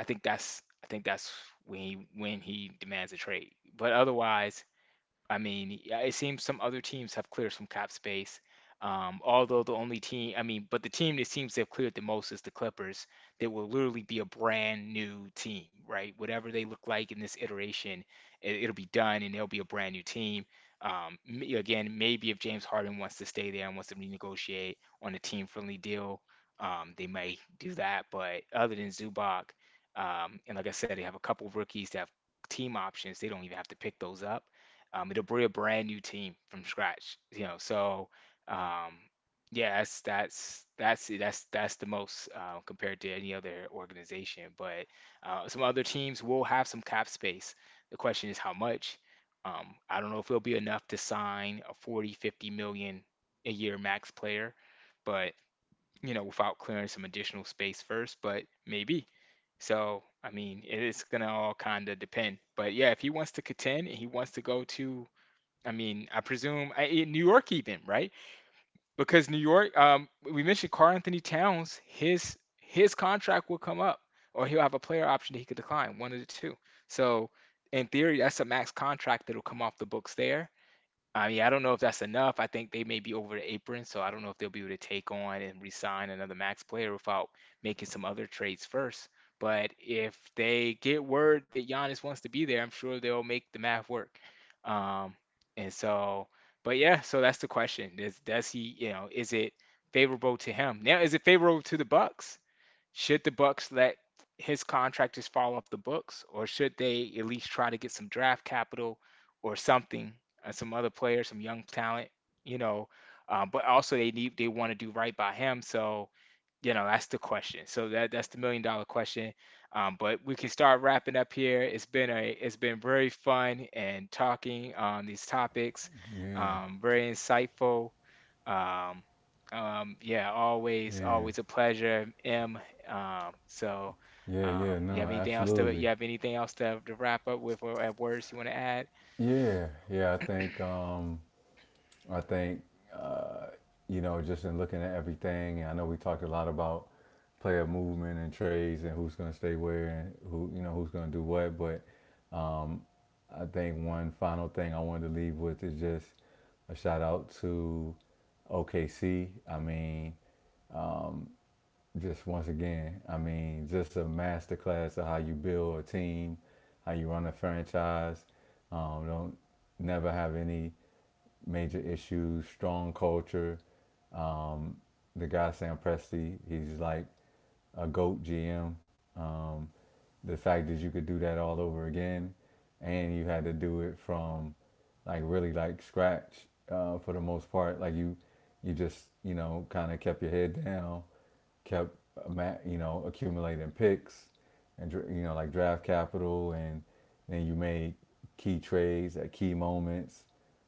Speaker 2: I think that's when he demands a trade. But otherwise, I mean, yeah, it seems some other teams have cleared some cap space. Although the only team, I mean, but the team that seems to have cleared the most is the Clippers. They will literally be a brand new team, right? Whatever they look like in this iteration, it'll be done and they will be a brand new team. Again, maybe if James Harden wants to stay there and wants to renegotiate on a team-friendly deal, they might do that. But other than Zubac, and like I said, they have a couple of rookies that have team options. They don't even have to pick those up. It'll be a brand new team from scratch, you know. So, um, yeah, that's it. That's the most, compared to any other organization. But some other teams will have some cap space. The question is how much. I don't know if it'll be enough to sign a 40, 50 million a year max player, but you know, without clearing some additional space first, but maybe. So, I mean, it's gonna all kind of depend. But yeah, if he wants to contend and he wants to go to, I mean, I presume in New York even, right? Because New York, we mentioned Carl Anthony Towns, his contract will come up, or he'll have a player option that he could decline, one of the two. So in theory, that's a max contract that'll come off the books there. I mean, I don't know if that's enough. I think they may be over the apron, so I don't know if they'll be able to take on and re-sign another max player without making some other trades first. But if they get word that Giannis wants to be there, I'm sure they'll make the math work. Um, and so, but yeah, so that's the question. Is does he, you know, is it favorable to him? Now, is it favorable to the Bucks? Should the Bucks let his contract just fall off the books, or should they at least try to get some draft capital or something, some other players, some young talent, you know? But also they want to do right by him, so you know, that's the question. So that's the million dollar question. But we can start wrapping up here. It's been very fun and talking on these topics.
Speaker 1: Yeah,
Speaker 2: Very insightful. Um, yeah,
Speaker 1: yeah,
Speaker 2: always a pleasure, M. So
Speaker 1: yeah, yeah.
Speaker 2: you have
Speaker 1: No,
Speaker 2: anything else to you
Speaker 1: absolutely.
Speaker 2: have anything else to wrap up with or at words you want to add?
Speaker 1: Yeah, yeah. I think, uh, you know, just in looking at everything, and I know we talked a lot about player movement and trades and who's going to stay where and who, you know, who's going to do what. But Um, I think one final thing I wanted to leave with is just a shout out to OKC. I mean, just once again, I mean, just a masterclass of how you build a team, how you run a franchise. Don't never have any major issues, strong culture. Um, the guy Sam Presti, he's like a goat GM. Um, the fact that you could do that all over again, and you had to do it from like really like scratch for the most part. You just you know kind of kept your head down, kept uh, you know accumulating picks, and you know like draft capital, and then you made key trades at key moments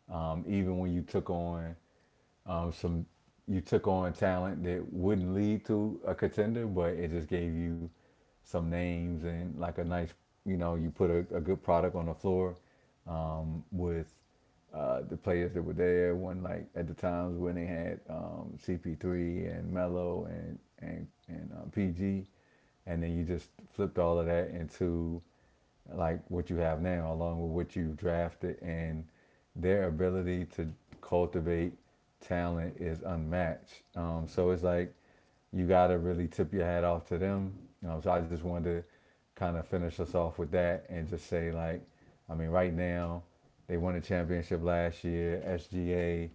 Speaker 1: even when you took on some you took on talent that wouldn't lead to a contender but it just gave you some names and like a nice you know you put a good product on the floor with the players that were there when like at the times when they had CP3 and Melo and PG and then you just flipped all of that into like what you have now, along with what you drafted, and their ability to cultivate talent is unmatched. So it's like you got to really tip your hat off to them. You know, so I just wanted to kind of finish us off with that and just say, like, I mean, right now they won a championship last year. SGA,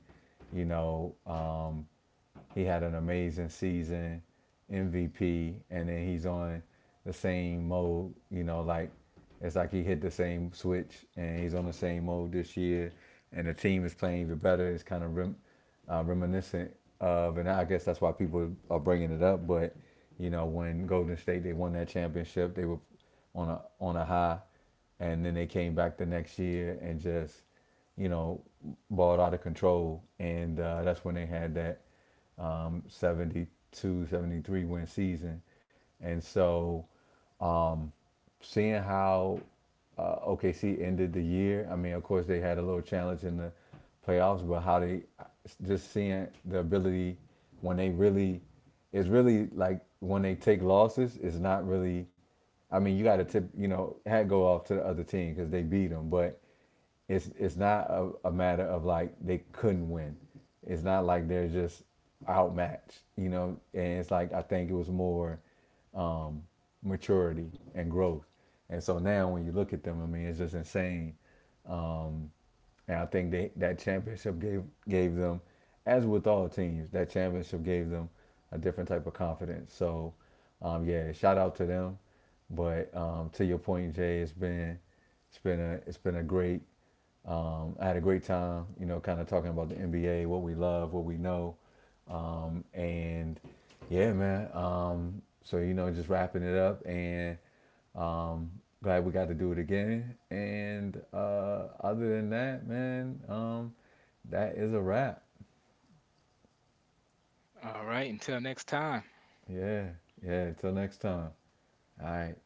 Speaker 1: you know, he had an amazing season, MVP, and then he's on the same mode. You know, like it's like he hit the same switch, and he's on the same mode this year. And the team is playing even better. It's kind of reminiscent of, and I guess that's why people are bringing it up. But you know, when Golden State they won that championship, they were on a high, and then they came back the next year and just you know balled out of control, and that's when they had that 72, 73 win season. And so seeing how OKC ended the year. I mean, of course, they had a little challenge in the playoffs, but how they just seeing the ability when they really, it's really like when they take losses, it's not really. I mean, you got to tip, you know, hat go off to the other team because they beat them, but it's not a matter of like they couldn't win. It's not like they're just outmatched, you know. And it's like I think it was more um, maturity and growth. And so now, when you look at them, I mean, it's just insane. And I think they, that championship gave them, as with all teams, that championship gave them a different type of confidence. So, yeah, shout out to them. But to your point, Jay, it's been a great. I had a great time, you know, kind of talking about the NBA, what we love, what we know, and yeah, man. So you know, just wrapping it up and um, glad we got to do it again. And other than that, man, that is a wrap.
Speaker 2: All right, until next time.
Speaker 1: Yeah, yeah. Till next time. All right.